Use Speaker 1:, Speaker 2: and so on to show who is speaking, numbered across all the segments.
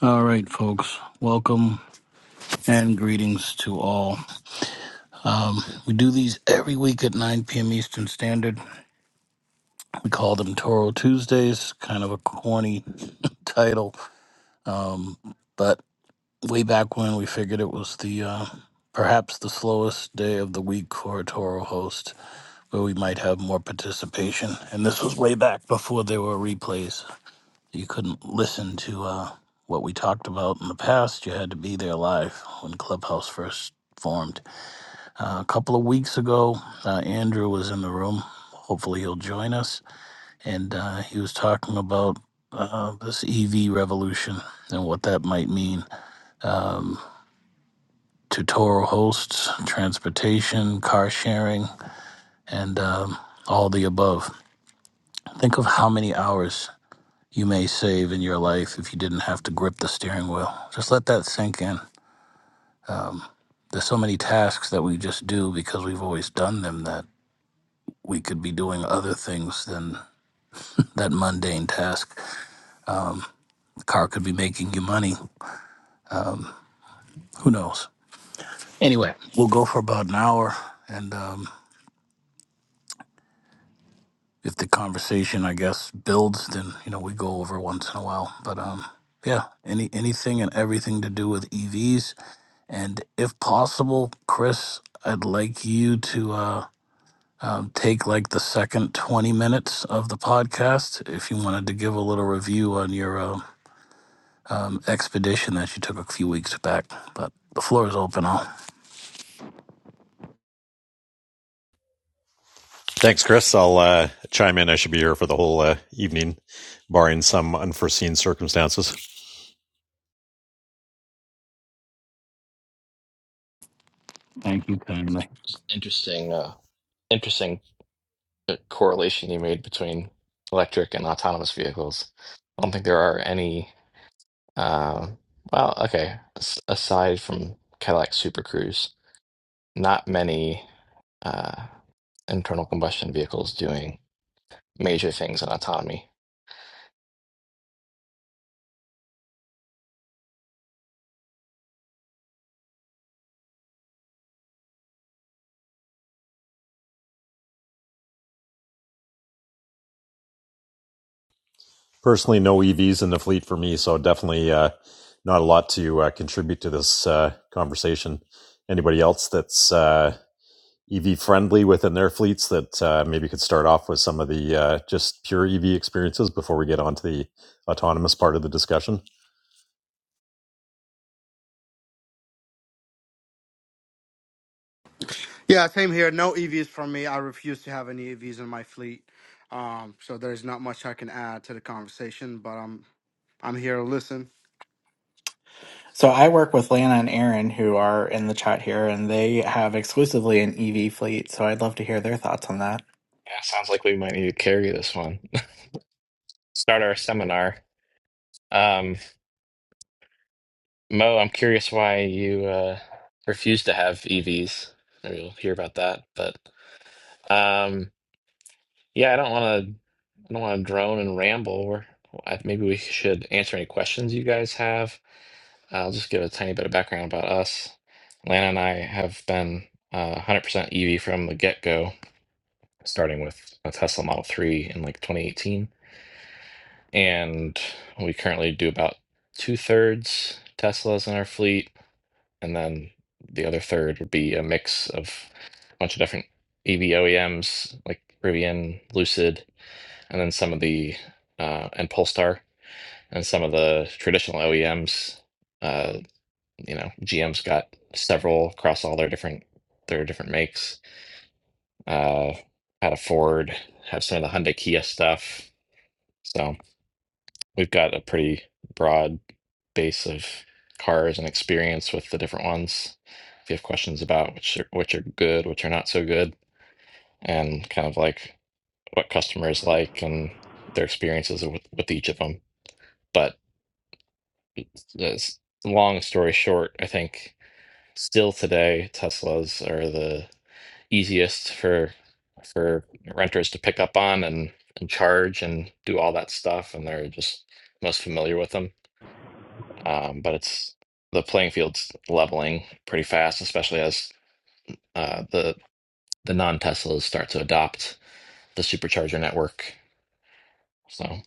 Speaker 1: All right, folks. Welcome and greetings to all. Um, we do these every week at 9 p.m. Eastern Standard. We call them Toro Tuesdays, kind of a corny title. Um, but way back when, we figured it was the uh, perhaps the slowest day of the week for a Toro host, where we might have more participation. And this was way back before there were replays. You couldn't listen to uh, what we talked about in the past. You had to be there live when Clubhouse first formed. Uh, a couple of weeks ago, uh, Andrew was in the room. Hopefully, he'll join us. And uh, he was talking about uh, this EV revolution and what that might mean um, to Toro hosts, transportation, car sharing, and um, all the above. Think of how many hours you may save in your life if you didn't have to grip the steering wheel. Just let that sink in. Um, there's so many tasks that we just do because we've always done them that we could be doing other things than that mundane task. Um, the car could be making you money. Who knows? Anyway, we'll go for about an hour. And um, if the conversation, I guess, builds, then, you know, we go over once in a while. But um, yeah, any anything and everything to do with EVs And if possible, Chris, I'd like you to uh, um, take like the second 20 minutes of the podcast if you wanted to give a little review on your uh, um, expedition that you took a few weeks back. But the floor is open. All. Thank you kindly.
Speaker 2: Interesting, uh, interesting uh, correlation you made between electric and autonomous vehicles. I don't think there are any. Uh, well, okay, as- aside from Cadillac Super Cruise, not many uh, internal combustion vehicles doing major things in autonomy.
Speaker 3: Yeah, same here. No EVs from me. I refuse to have any EVs in my fleet. Um, so there's not much I can add to the conversation, but I'm I'm here to listen.
Speaker 4: So I work with Lana and Aaron, who are in the chat here, and they have exclusively an EV fleet. So I'd love to hear their thoughts on that.
Speaker 2: Yeah, sounds like we might need to carry this one. Start our seminar. Um, Mo, I'm curious why you uh, refuse to have EVs. Maybe we'll hear about that, but. Um, Yeah, I don't want to. I don't want to drone and ramble. We're, I, maybe we should answer any questions you guys have. I'll just give a tiny bit of background about us. Lana and I have been uh, 100% EV from the get-go, starting with a Tesla Model 3 in like 2018, and we currently do about two-thirds Teslas in our fleet, and then the other third would be a mix of a bunch of different EV OEMs like Rivian, Lucid and then some of the uh, and Polestar and some of the traditional OEMs. Uh, you know, GM's got several across all their different their different makes. Uh, had a Ford, have some of the Hyundai Kia stuff. So we've got a pretty broad base of cars and experience with the different ones. If you have questions about which are, which are good, which are not so good, and kind of like what customers like and their experiences with, with each of them. But Yes. Long story short, I think still today Teslas are the easiest for for renters to pick up on and and charge and do all that stuff, and they're just most familiar with them. Um, but it's the playing field's leveling pretty fast, especially as uh, the the non-Teslas start to adopt the supercharger network. So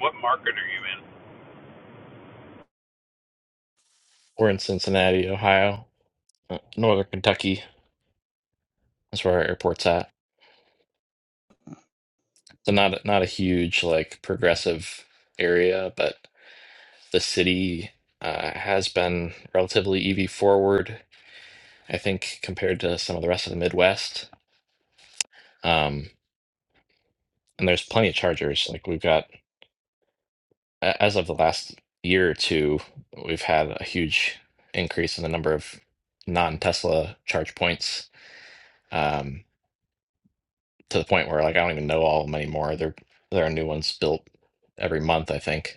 Speaker 5: What market are you in?
Speaker 2: we're in Cincinnati, Ohio, uh, Northern Kentucky. That's where our airport's at So not not a huge like progressive area, but the city uh, has been relatively EV forward, I think, compared to some of the rest of the Midwest. Um, and there's plenty of chargers. Like we've got, a- as of the last year or two, we've had a huge increase in the number of non-Tesla charge points um, to the point where like I don't even know all of them anymore. There there are new ones built every month, I think.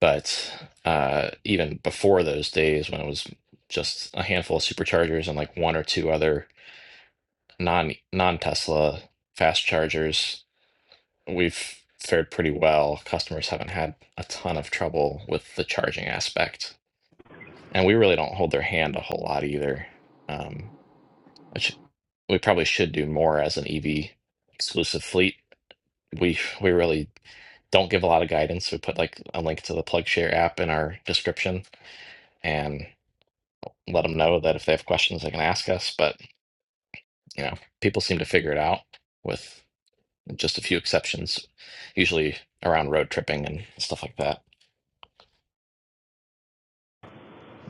Speaker 2: But uh, even before those days, when it was just a handful of superchargers and like one or two other non non Tesla fast chargers, we've fared pretty well. Customers haven't had a ton of trouble with the charging aspect, and we really don't hold their hand a whole lot either. Um, which we probably should do more as an EV exclusive fleet. We we really don't give a lot of guidance. We put like a link to the PlugShare app in our description, and. let them know that if they have questions, they can ask us. But you know, people seem to figure it out with just a few exceptions, usually around road tripping and stuff like that.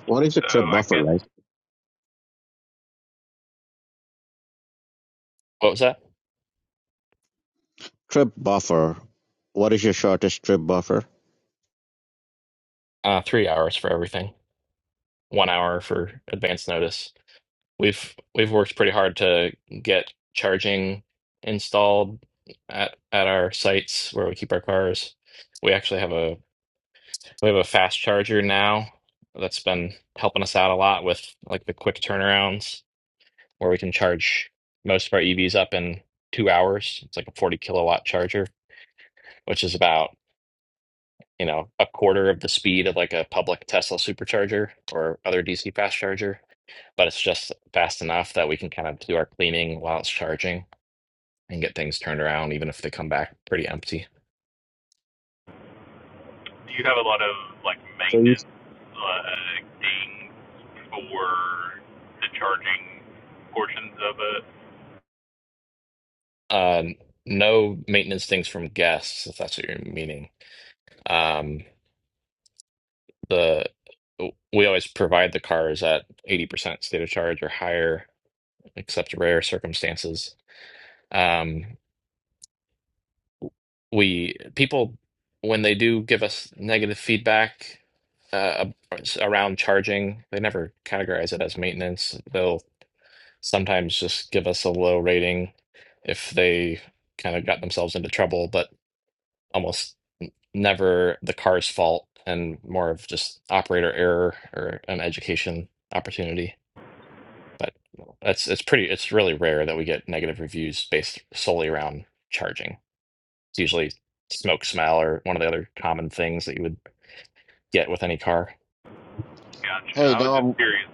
Speaker 6: What is your
Speaker 5: So
Speaker 6: trip
Speaker 5: I
Speaker 6: buffer
Speaker 5: guess
Speaker 6: like?
Speaker 2: What was that?
Speaker 6: Trip buffer. What is your shortest trip buffer?
Speaker 2: Uh, three hours for everything, one hour for advance notice. We've we've worked pretty hard to get charging installed at at our sites where we keep our cars. We actually have a we have a fast charger now that's been helping us out a lot with like the quick turnarounds where we can charge most of our EVs up in two hours. It's like a 40 kilowatt charger, which is about, you know, a quarter of the speed of like a public Tesla supercharger or other DC fast charger. But it's just fast enough that we can kind of do our cleaning while it's charging and get things turned around, even if they come back pretty empty.
Speaker 5: you have a lot of like
Speaker 6: So you.
Speaker 5: maintenance uh, dings for the charging portions of it.
Speaker 2: Um, no maintenance things from guests, if that's what you're meaning. Um, the we always provide the cars at 80% state of charge or higher, except rare circumstances. Um, we people when they do give us negative feedback uh, around charging, they never categorize it as maintenance. They'll sometimes just give us a low rating if they kind of got themselves into trouble, but almost never the car's fault and more of just operator error or an education opportunity. But that's it's pretty it's really rare that we get negative reviews based solely around charging. It's usually smoke smell or one of the other common things that you would get with any car.
Speaker 5: Gotcha.
Speaker 6: Hey,
Speaker 5: I was
Speaker 6: now
Speaker 5: just
Speaker 6: I'm
Speaker 5: curious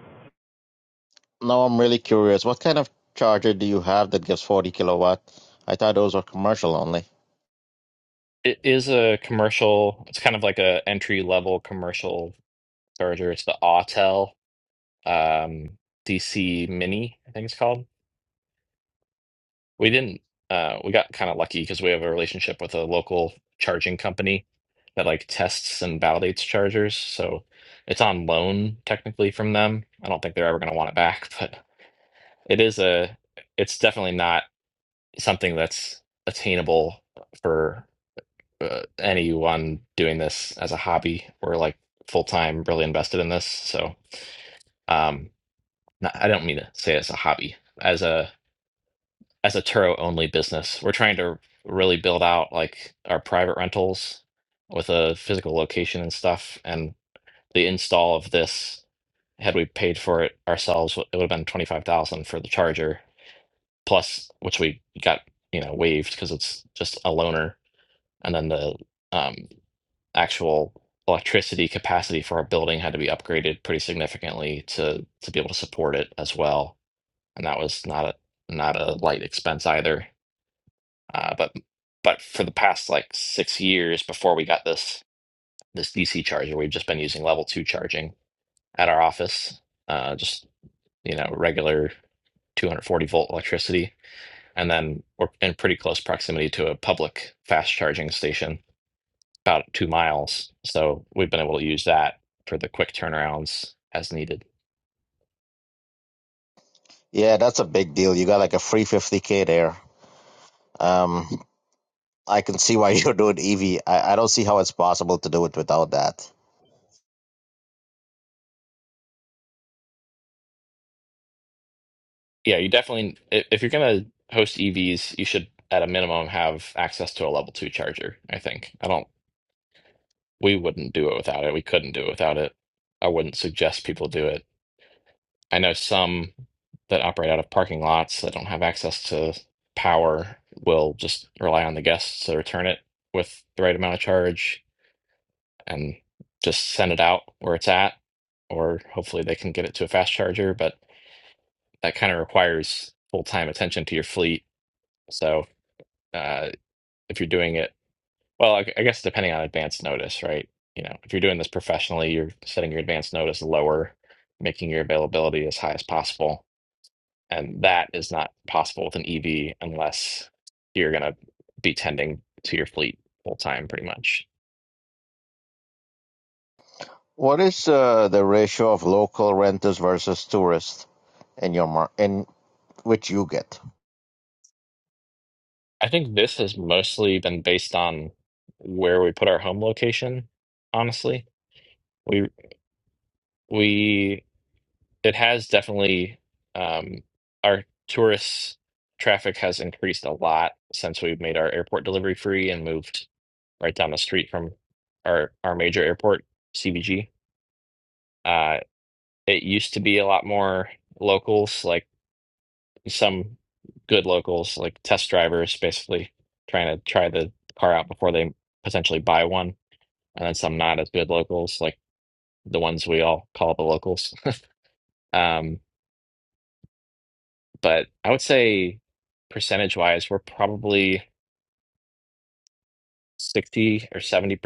Speaker 6: now I'm really curious. What kind of charger do you have that gives 40 kilowatt? I thought those were commercial only.
Speaker 2: It is a commercial. It's kind of like a entry level commercial charger. It's the Autel um, DC Mini, I think it's called. We didn't. Uh, we got kind of lucky because we have a relationship with a local charging company that like tests and validates chargers. So it's on loan technically from them. I don't think they're ever going to want it back, but it is a. It's definitely not something that's attainable for uh, anyone doing this as a hobby or like full time, really invested in this. So, um, not, I don't mean to say as a hobby, as a as a Turo only business. We're trying to really build out like our private rentals with a physical location and stuff. And the install of this, had we paid for it ourselves, it would have been twenty five thousand for the charger plus, which we got you know waived because it's just a loaner and then the um, actual electricity capacity for our building had to be upgraded pretty significantly to to be able to support it as well. And that was not a not a light expense either. Uh, but but for the past like six years before we got this this DC charger, we've just been using level two charging at our office, uh, just you know regular 240 volt electricity. And then we're in pretty close proximity to a public fast charging station about two miles. So we've been able to use that for the quick turnarounds as needed.
Speaker 6: Yeah, that's a big deal. You got like a free 50k there. Um, I can see why you're doing EV. I, I don't see how it's possible to do it without that.
Speaker 2: Yeah, you definitely, i- if you're going to host EVs, you should at a minimum have access to a level two charger, I think. I don't, we wouldn't do it without it. We couldn't do it without it. I wouldn't suggest people do it. I know some that operate out of parking lots that don't have access to power will just rely on the guests to return it with the right amount of charge and just send it out where it's at, or hopefully they can get it to a fast charger. But that kind of requires full time attention to your fleet. So uh, if you're doing it, well, I, I guess depending on advance notice, right? You know, if you're doing this professionally, you're setting your advance notice lower, making your availability as high as possible. And that is not possible with an EV unless you're going to be tending to your fleet full time, pretty much.
Speaker 6: What is uh, the ratio of local renters versus tourists in your mar in which you get?
Speaker 2: I think this has mostly been based on where we put our home location, honestly. We we it has definitely um our tourist traffic has increased a lot since we've made our airport delivery free and moved right down the street from our our major airport, CBG. Uh it used to be a lot more locals, like some good locals, like test drivers basically trying to try the car out before they potentially buy one and then some not as good locals, like the ones we all call the locals. Um, but I would say percentage wise, we're probably 60 or 70%,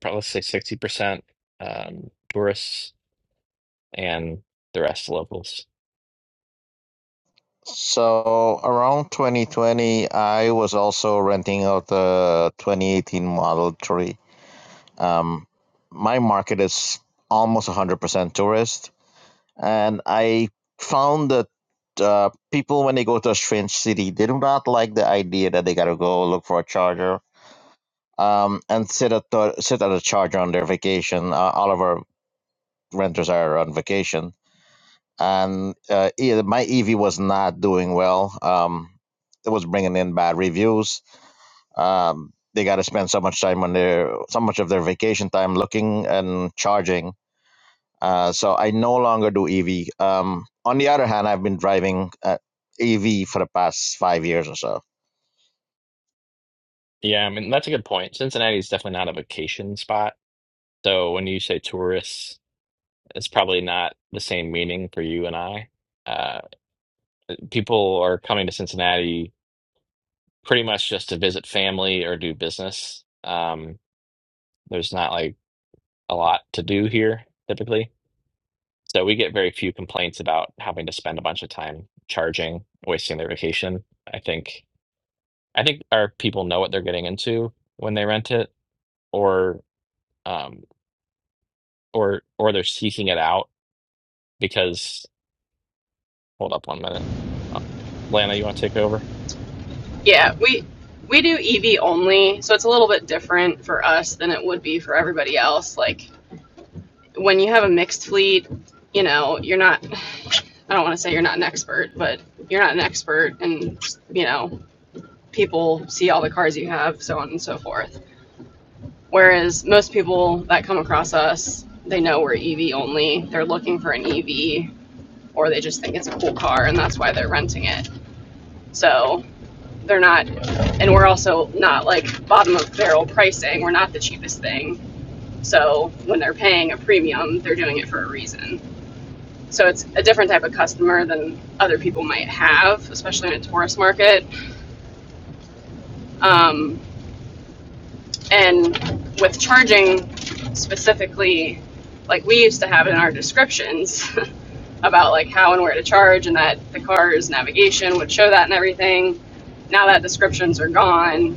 Speaker 2: probably say 60% um, tourists and the rest locals.
Speaker 6: So around 2020, I was also renting out the 2018 Model 3. Um, my market is almost 100% tourist, and I found that uh, people, when they go to a strange city, they do not like the idea that they gotta go look for a charger um, and sit at the, sit at a charger on their vacation. Uh, all of our renters are on vacation and uh, yeah, my EV was not doing well. Um, it was bringing in bad reviews. Um, they got to spend so much time on their so much of their vacation time looking and charging. Uh, so I no longer do EV. Um, on the other hand, I've been driving uh, EV for the past five years or so.
Speaker 2: Yeah, I mean, that's a good point. Cincinnati is definitely not a vacation spot. So when you say tourists, it's probably not the same meaning for you and I. Uh, people are coming to Cincinnati pretty much just to visit family or do business. Um, There's not like a lot to do here typically. So we get very few complaints about having to spend a bunch of time charging, wasting their vacation. I think I think our people know what they're getting into when they rent it or um or or they're seeking it out because hold up one minute. Uh, Lana, you want to take over?
Speaker 7: Yeah, we we do EV only, so it's a little bit different for us than it would be for everybody else. Like when you have a mixed fleet, you know, you're not I don't want to say you're not an expert, but you're not an expert and you know, people see all the cars you have, so on and so forth. Whereas most people that come across us, they know we're EV only. They're looking for an EV or they just think it's a cool car and that's why they're renting it. So they're not and we're also not like bottom of barrel pricing we're not the cheapest thing so when they're paying a premium they're doing it for a reason so it's a different type of customer than other people might have especially in a tourist market um, and with charging specifically like we used to have it in our descriptions about like how and where to charge and that the car's navigation would show that and everything now that descriptions are gone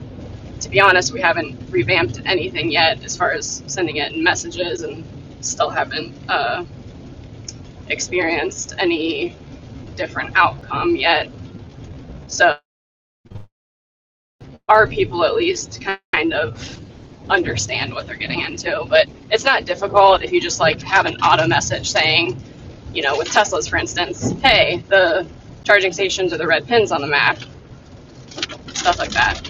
Speaker 7: to be honest, we haven't revamped anything yet as far as sending it in messages and still haven't uh, experienced any different outcome yet. So, our people at least kind of understand what they're getting into. But it's not difficult if you just like have an auto message saying, you know, with Teslas, for instance, hey, the charging stations are the red pins on the map, stuff like that.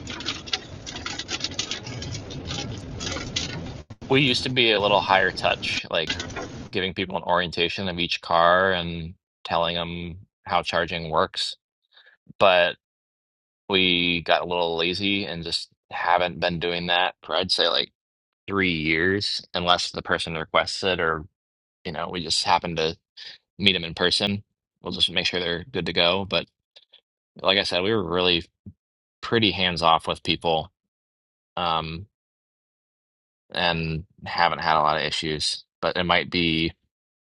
Speaker 2: We used to be a little higher touch, like giving people an orientation of each car and telling them how charging works. But we got a little lazy and just haven't been doing that for I'd say like three years, unless the person requests it or you know we just happen to meet them in person. We'll just make sure they're good to go. But like I said, we were really pretty hands off with people um, and haven't had a lot of issues. But it might be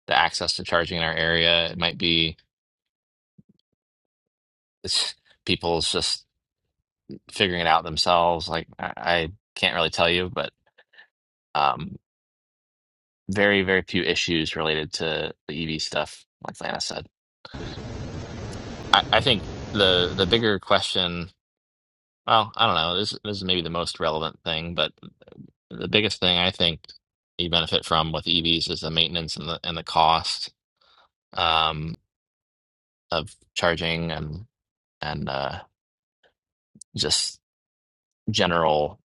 Speaker 2: the access to charging in our area. It might be it's people's just figuring it out themselves. Like I, I can't really tell you, but. um, very, very few issues related to the EV stuff, like Lana said. I, I think the the bigger question, well, I don't know, this this is maybe the most relevant thing, but the biggest thing I think you benefit from with EVs is the maintenance and the and the cost um, of charging and and uh, just general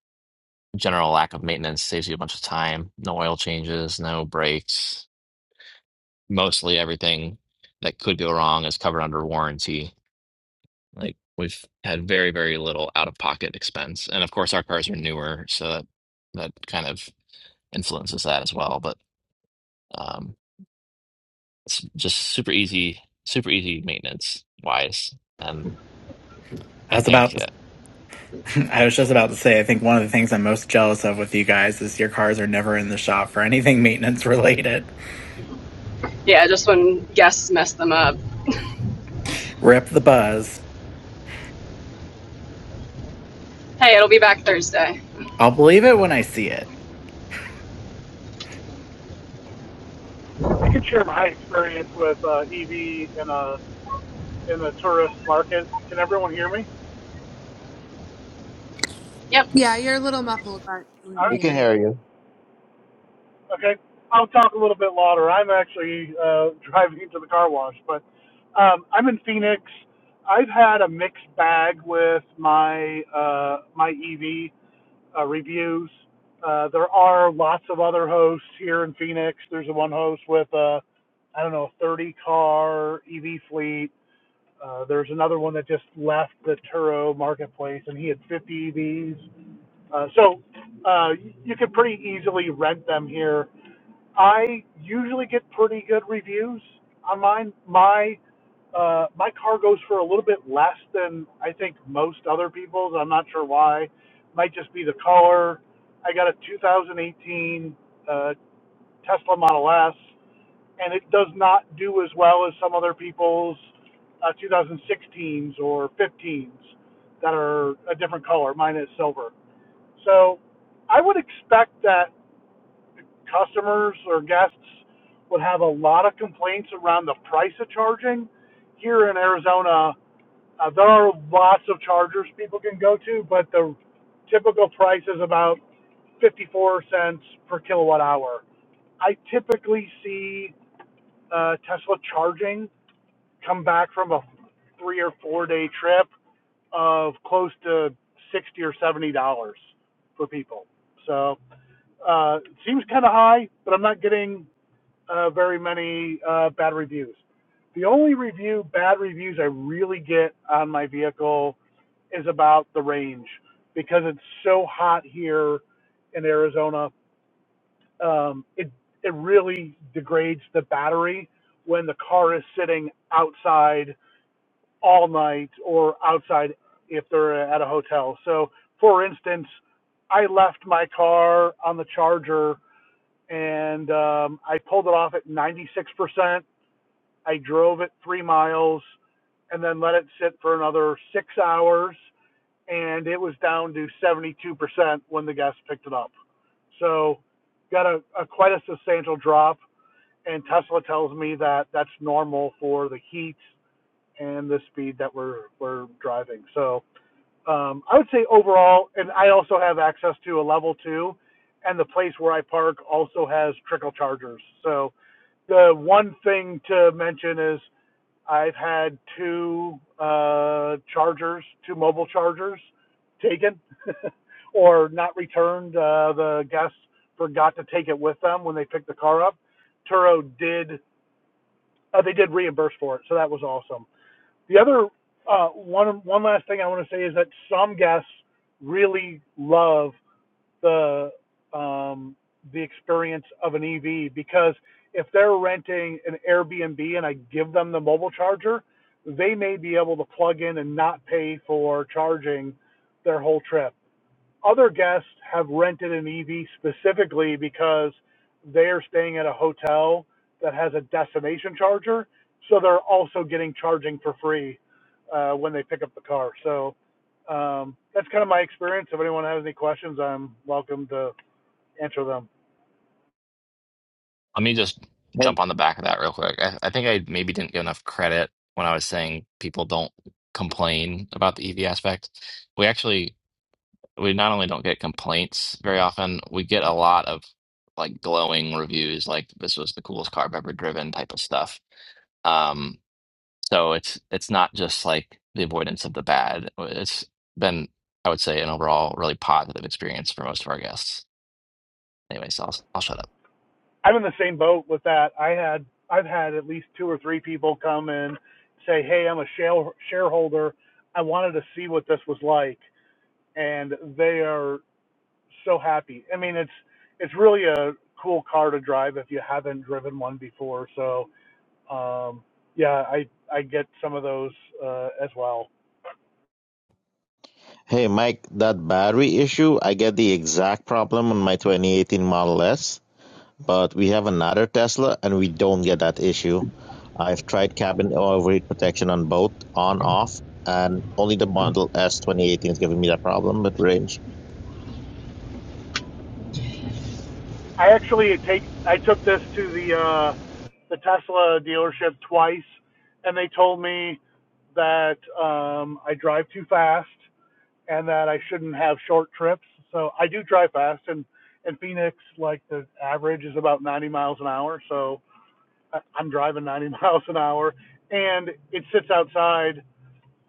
Speaker 2: general lack of maintenance saves you a bunch of time. No oil changes, no brakes, mostly everything that could go wrong is covered under warranty Like we've had very, very little out of pocket expense. And of course, our cars are newer, so that, that kind of influences that as well. But um, it's just super easy, super easy maintenance wise. And
Speaker 4: I
Speaker 2: I
Speaker 4: was about,
Speaker 2: think, uh,
Speaker 4: I was just about to say, I think one of the things I'm most jealous of with you guys is your cars are never in the shop for anything maintenance related.
Speaker 7: Yeah, just when guests mess them up.
Speaker 4: Rip the buzz.
Speaker 7: Hey, it'll be back Thursday.
Speaker 4: I'll believe it when I see it.
Speaker 8: I can share my experience with uh, EV in a in the tourist market. Can everyone hear me?
Speaker 7: Yep,
Speaker 9: Yeah, you're a little muffled, but we're
Speaker 8: All right.
Speaker 6: We can
Speaker 9: here.
Speaker 6: hear you.
Speaker 8: Okay. I'll talk a little bit louder. I'm actually uh, driving to the car wash, but um, I'm in Phoenix. I've had a mixed bag with my uh, my EV uh, reviews. Uh, there are lots of other hosts here in Phoenix. There's one host with a I don't know 30 car EV fleet Uh, there's another one that just left the Turo marketplace, and he had 50 EVs. Uh, so uh, you could pretty easily rent them here. I usually get pretty good reviews on mine. My uh, my car goes for a little bit less than I think most other people's. I'm not sure why. Might just be the color. I got a 2018 uh, Tesla Model S and it does not do as well as some other people's uh, 2016s or 15s that are a different color. Mine is silver. So I would expect that customers or guests would have a lot of complaints around the price of charging. Here in Arizona, uh, there are lots of chargers people can go to, but the typical price is about 54 cents per kilowatt hour. I typically see uh, Tesla charging come back from a three or four day trip of close to sixty or seventy dollars for people. So uh, it seems kind of high, but I'm not getting uh, very many uh, bad reviews. The only review bad reviews I really get on my vehicle is about the range because it's so hot here in Arizona. Um, it it really degrades the battery when the car is sitting outside all night or outside if they're at a hotel. So, for instance, I left my car on the charger and um, I pulled it off at 96%. I drove it three miles and then let it sit for another six hours. And it was down to 72% when the guests picked it up. So, got a, a quite a substantial drop. And Tesla tells me that that's normal for the heat and the speed that we're we're driving. So um, I would say overall, and I also have access to a level two, and the place where I park also has trickle chargers. So the one thing to mention is I've had two uh, chargers, two mobile chargers, taken or not returned. Uh, the guests forgot to take it with them when they picked the car up. Turo did. Uh, they did reimburse for it, so that was awesome. The other uh, one one last thing I want to say is that some guests really love the um, the experience of an EV because if they're renting an Airbnb and I give them the mobile charger, they may be able to plug in and not pay for charging their whole trip. Other guests have rented an EV specifically because they are staying at a hotel that has a destination charger, so they're also getting charging for free uh, when they pick up the car. So um, that's kind of my experience. If anyone has any questions, I'm welcome to answer them.
Speaker 2: let me just jump on the back of that real quick. I, I think I maybe didn't give enough credit when I was saying people don't complain about the EV aspect. We actually we not only don't get complaints very often, we get a lot of like glowing reviews, like this was the coolest car I've ever driven type of stuff. Um, so it's it's not just like the avoidance of the bad. Uh, It's been, I would say, an overall really positive experience for most of our guests. Anyways, I'll I'll shut up.
Speaker 8: I'm in the same boat with that. I had I've had at least two or three people come and say, "Hey, I'm a share- shareholder. I wanted to see what this was like," and they are so happy. I mean, it's it's really a cool car to drive if you haven't driven one before. So um, yeah, I I get some of those uh, as well.
Speaker 6: Hey Mike, that battery issue, I get the exact problem on my 2018 Model S, but we have another Tesla and we don't get that issue. I've tried cabin overheat protection on both, on off, and only the Model S 2018 is giving me that problem with range.
Speaker 8: I actually take I took this to the uh, the Tesla dealership twice, and they told me that um, I drive too fast and that I shouldn't have short trips. So I do drive fast, and in Phoenix, like the average is about 90 miles an hour. So I- am driving 90 miles an hour, and it sits outside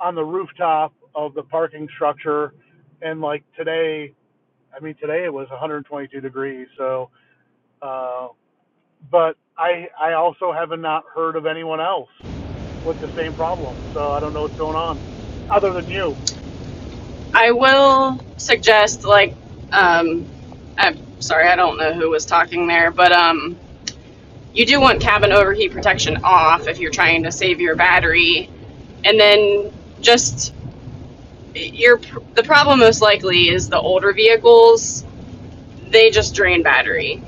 Speaker 8: on the rooftop of the parking structure. And like today, I mean today it was 122 degrees. So, uh, but I I also have not heard of anyone else with the same problem. So I don't know what's going on, other than you.
Speaker 7: I will suggest, like, um, I'm sorry, I don't know who was talking there, but um, you do want cabin overheat protection off if you're trying to save your battery, and then just your the problem most likely is the older vehicles. They just drain battery.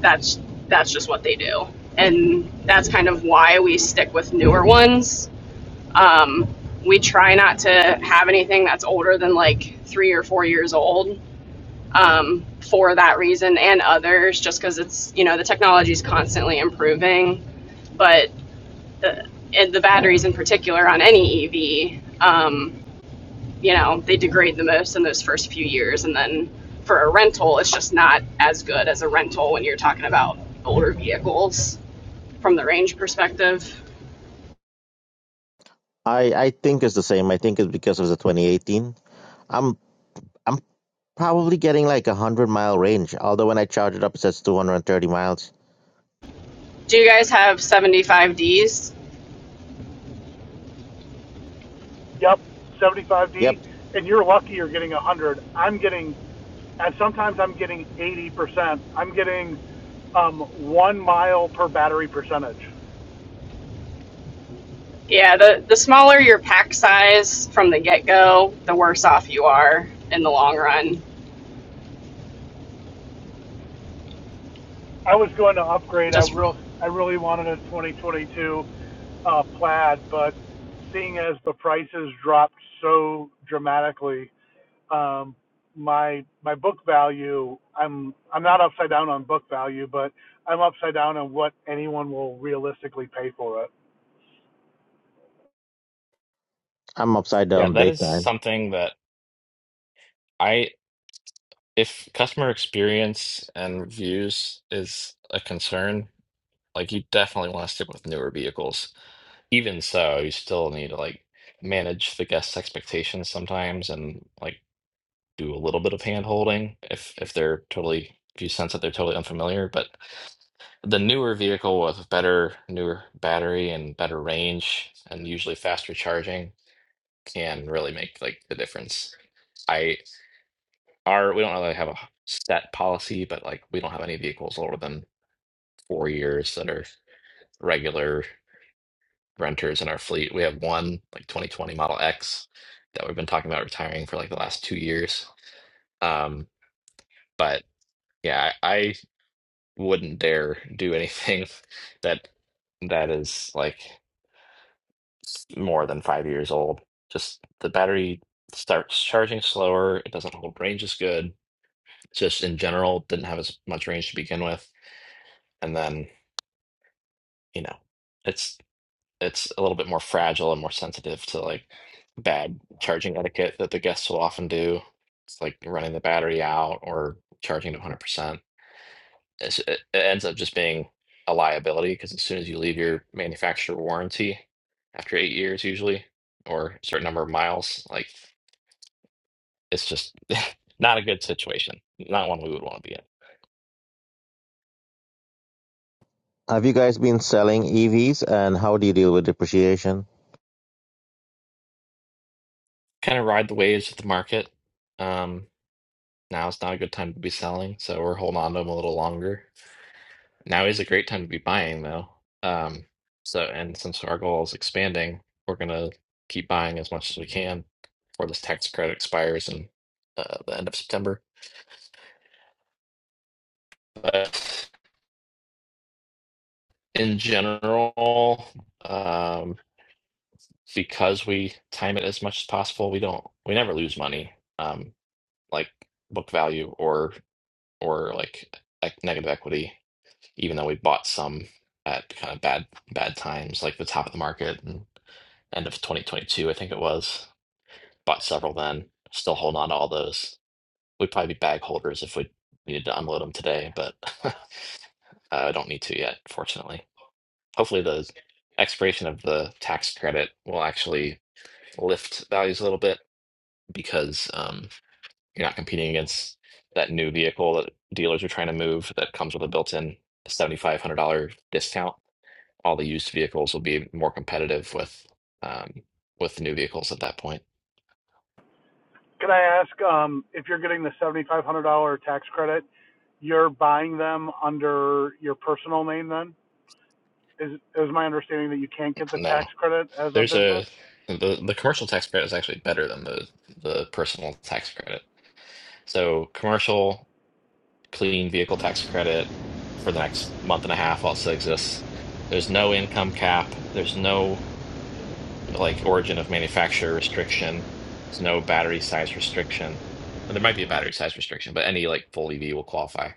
Speaker 7: That's that's just what they do, and that's kind of why we stick with newer ones. Um, we try not to have anything that's older than like three or four years old um, for that reason and others, just because it's, you know, the technology is constantly improving. But the, and the batteries in particular on any EV, um, you know, they degrade the most in those first few years. And then for a rental, it's just not as good as a rental when you're talking about older vehicles from the range perspective.
Speaker 6: I, I think it's the same. I think it's because of the 2018. I'm I'm probably getting like a 100 mile range, although when I charge it up it says 230 miles.
Speaker 7: Do you guys have 75Ds?
Speaker 8: Yep,
Speaker 6: Yep,
Speaker 8: 75D, and you're lucky you're getting 100. I'm getting, and sometimes I'm getting 80%. I'm getting um, one mile per battery percentage.
Speaker 7: Yeah, the, the smaller your pack size from the get go, the worse off you are in the long run
Speaker 8: I was going to upgrade. I
Speaker 7: just
Speaker 8: real I really wanted a 2022 uh, plaid, but seeing as the prices dropped so dramatically, um, my my book value I'm I'm not upside down on book value, but I'm upside down on what anyone will realistically pay for it.
Speaker 6: I'm upside
Speaker 2: Yeah,
Speaker 6: down
Speaker 2: that
Speaker 6: big
Speaker 2: is
Speaker 6: time.
Speaker 2: something that I, if customer experience and reviews is a concern, like you definitely want to stick with newer vehicles. even so, you still need to like manage the guests' expectations sometimes and like do a little bit of hand holding if if they're totally if you sense that they're totally unfamiliar. But the newer vehicle with better newer battery and better range and usually faster charging can really make like the difference. I our we don't really have a set policy, but like we don't have any vehicles older than four years that are regular renters in our fleet. We have one like 2020 Model X that we've been talking about retiring for like the last two years. Um, but yeah, I, I wouldn't dare do anything that that is like s- more than five years old. Just the battery starts charging slower. It doesn't hold range as good. Just in general, didn't have as much range to begin with. And then, you know, it's. it's a little bit more fragile and more sensitive to like bad charging etiquette that the guests will often do. It's like running the battery out or charging to 100%. It's, it, it ends up just being a liability because as soon as you leave your manufacturer warranty after eight years, usually, or a certain number of miles, like it's just not a good situation. Not one we would want to be in.
Speaker 6: Have you guys been selling EVs and how do you deal with depreciation?
Speaker 2: Kind of ride the waves of the market. Um, now it's not a good time to be selling, so we're holding on to them a little longer Now is a great time to be buying, though. Um, so, and since our goal is expanding, we're gonna keep buying as much as we can before this tax credit expires in uh, the end of September. But in general, um, because we time it as much as possible, we don't, we never lose money, um, like book value or or like e- negative equity, even though we bought some at kind of bad bad times, like the top of the market and. end of 2022, I think it was. Bought several then. Still holding on to all those. We'd probably be bag holders if we needed to unload them today, but uh, I don't need to yet, fortunately. Hopefully, the expiration of the tax credit will actually lift values a little bit because um, you're not competing against that new vehicle that dealers are trying to move that comes with a built-in $7,500 discount. All the used vehicles will be more competitive with um, with new vehicles at that point.
Speaker 8: Can I ask um, if you're getting the $7,500 tax credit, you're buying them under your personal name then? Is is my understanding that you can't get the
Speaker 2: No.
Speaker 8: tax credit as a
Speaker 2: There's
Speaker 8: business?
Speaker 2: a the the commercial tax credit is actually better than the the personal tax credit. So commercial clean vehicle tax credit for the next month and a half also exists. There's no income cap. There's no uh, like origin of manufacturer restriction. There's no battery size restriction. And there might be a battery size restriction, but any like full EV will qualify.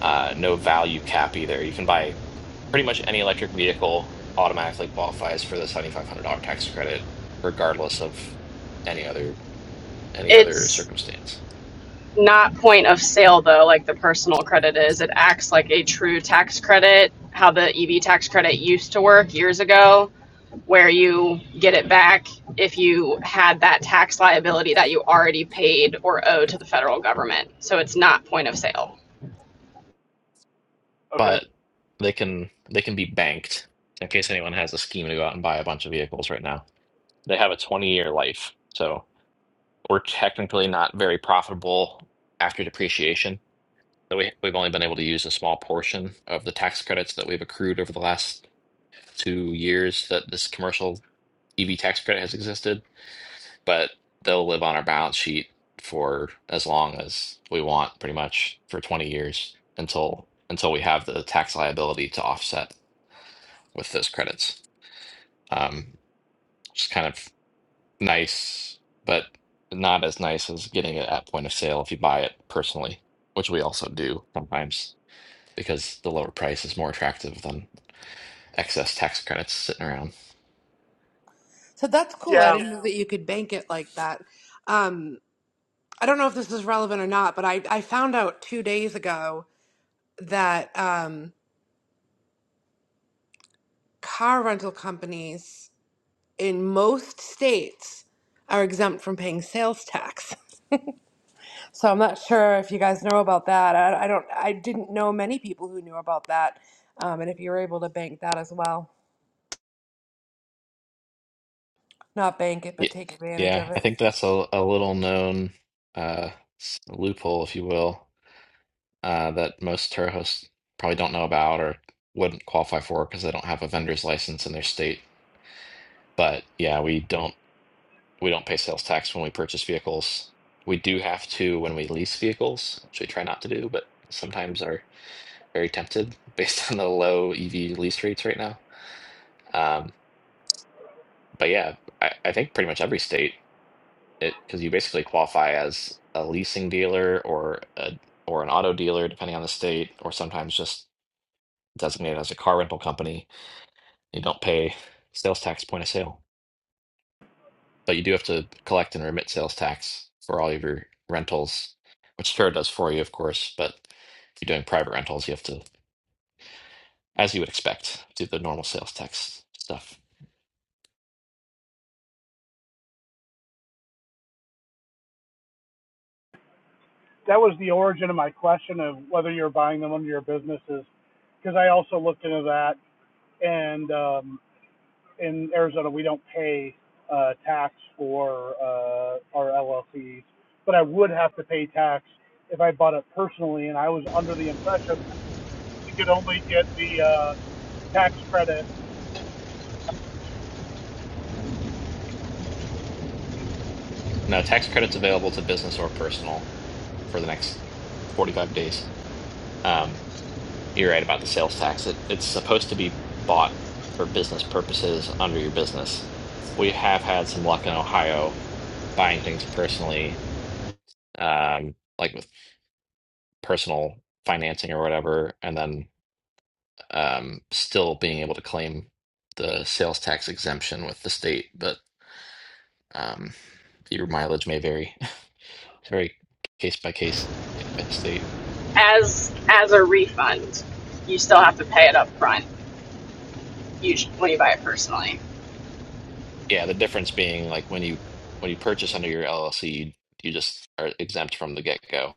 Speaker 2: Uh, no value cap either. You can buy pretty much any electric vehicle automatically qualifies for the $7,500 tax credit, regardless of any other any other
Speaker 7: It's
Speaker 2: circumstance.
Speaker 7: not point of sale though, like the personal credit is. It acts like a true tax credit, how the EV tax credit used to work years ago, where you get it back if you had that tax liability that you already paid or owe to the federal government. So it's not point of sale.
Speaker 8: Okay.
Speaker 2: But they can they can be banked in case anyone has a scheme to go out and buy a bunch of vehicles right now. They have a 20 year life, so we're technically not very profitable after depreciation. So we, we've only been able to use a small portion of the tax credits that we've accrued over the last two years that this commercial EV tax credit has existed but they'll live on our balance sheet for as long as we want, pretty much for 20 years until until we have the tax liability to offset with those credits. Um, just kind of nice, but not as nice as getting it at point of sale if you buy it personally, which we also do sometimes because the lower price is more attractive than excess tax credits sitting around.
Speaker 9: So that's cool. I
Speaker 8: Yeah,
Speaker 9: didn't know Yeah. that you could bank it like that. Um, I don't know if this is relevant or not, but I, I found out two days ago that um, car rental companies in most states are exempt from paying sales tax. So I'm not sure if you guys know about that. I, I don't. I didn't know many people who knew about that, um, and if you were able to bank that as well, not bank it, but
Speaker 2: Yeah,
Speaker 9: take advantage
Speaker 2: yeah,
Speaker 9: of
Speaker 2: I
Speaker 9: it.
Speaker 2: think that's a, a little known uh, s- loophole, if you will uh, that most tour hosts probably don't know about or wouldn't qualify for because they don't have a vendor's license in their state. But yeah, we don't we don't pay sales tax when we purchase vehicles. We do have to when we lease vehicles, which we try not to do, but sometimes are very tempted based on the low EV lease rates right now. Um, but yeah, I, I think pretty much every state it because you basically qualify as a leasing dealer or a or an auto dealer depending on the state, or sometimes just designated as a car rental company You don't pay sales tax point of sale, but you do have to collect and remit sales tax for all of your rentals, which Turo does for you, of course. But if you're doing private rentals, you have to, as you would expect, do the normal sales tax stuff.
Speaker 8: that was the origin of my question of whether you're buying them under your businesses, because I also looked into that. And um, in Arizona, we don't pay uh, tax for uh, our LLCs, but I would have to pay tax if I bought it personally. And I was under the impression we could only get the uh, tax credit.
Speaker 2: Now, tax credits available to business or personal for the next 45 days. Um, You're right about the sales tax. It, it's supposed to be bought for business purposes under your business. We have had some luck in Ohio buying things personally, um, like with personal financing or whatever, and then um, still being able to claim the sales tax exemption with the state. But um, your mileage may vary. It's very case by case, state by state.
Speaker 7: As as a refund, you still have to pay it up front, usually when you buy it personally.
Speaker 2: Yeah, the difference being like when you when you purchase under your LLC, you, you just are exempt from the get go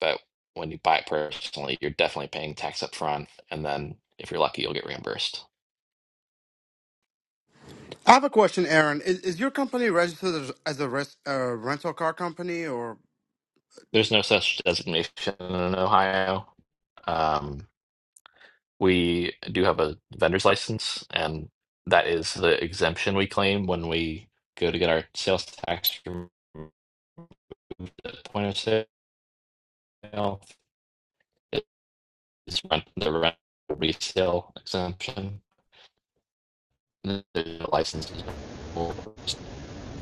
Speaker 2: But when you buy it personally, you're definitely paying tax up front, and then if you're lucky, you'll get reimbursed.
Speaker 3: I have a question, Aaron. Is, is your company registered as, as a res, uh, rental car company or?
Speaker 2: There's no such designation in Ohio. Um, we do have a vendor's license, and that is the exemption we claim when we go to get our sales tax removed at point of sale. It's rent, the rent resale exemption. The license is for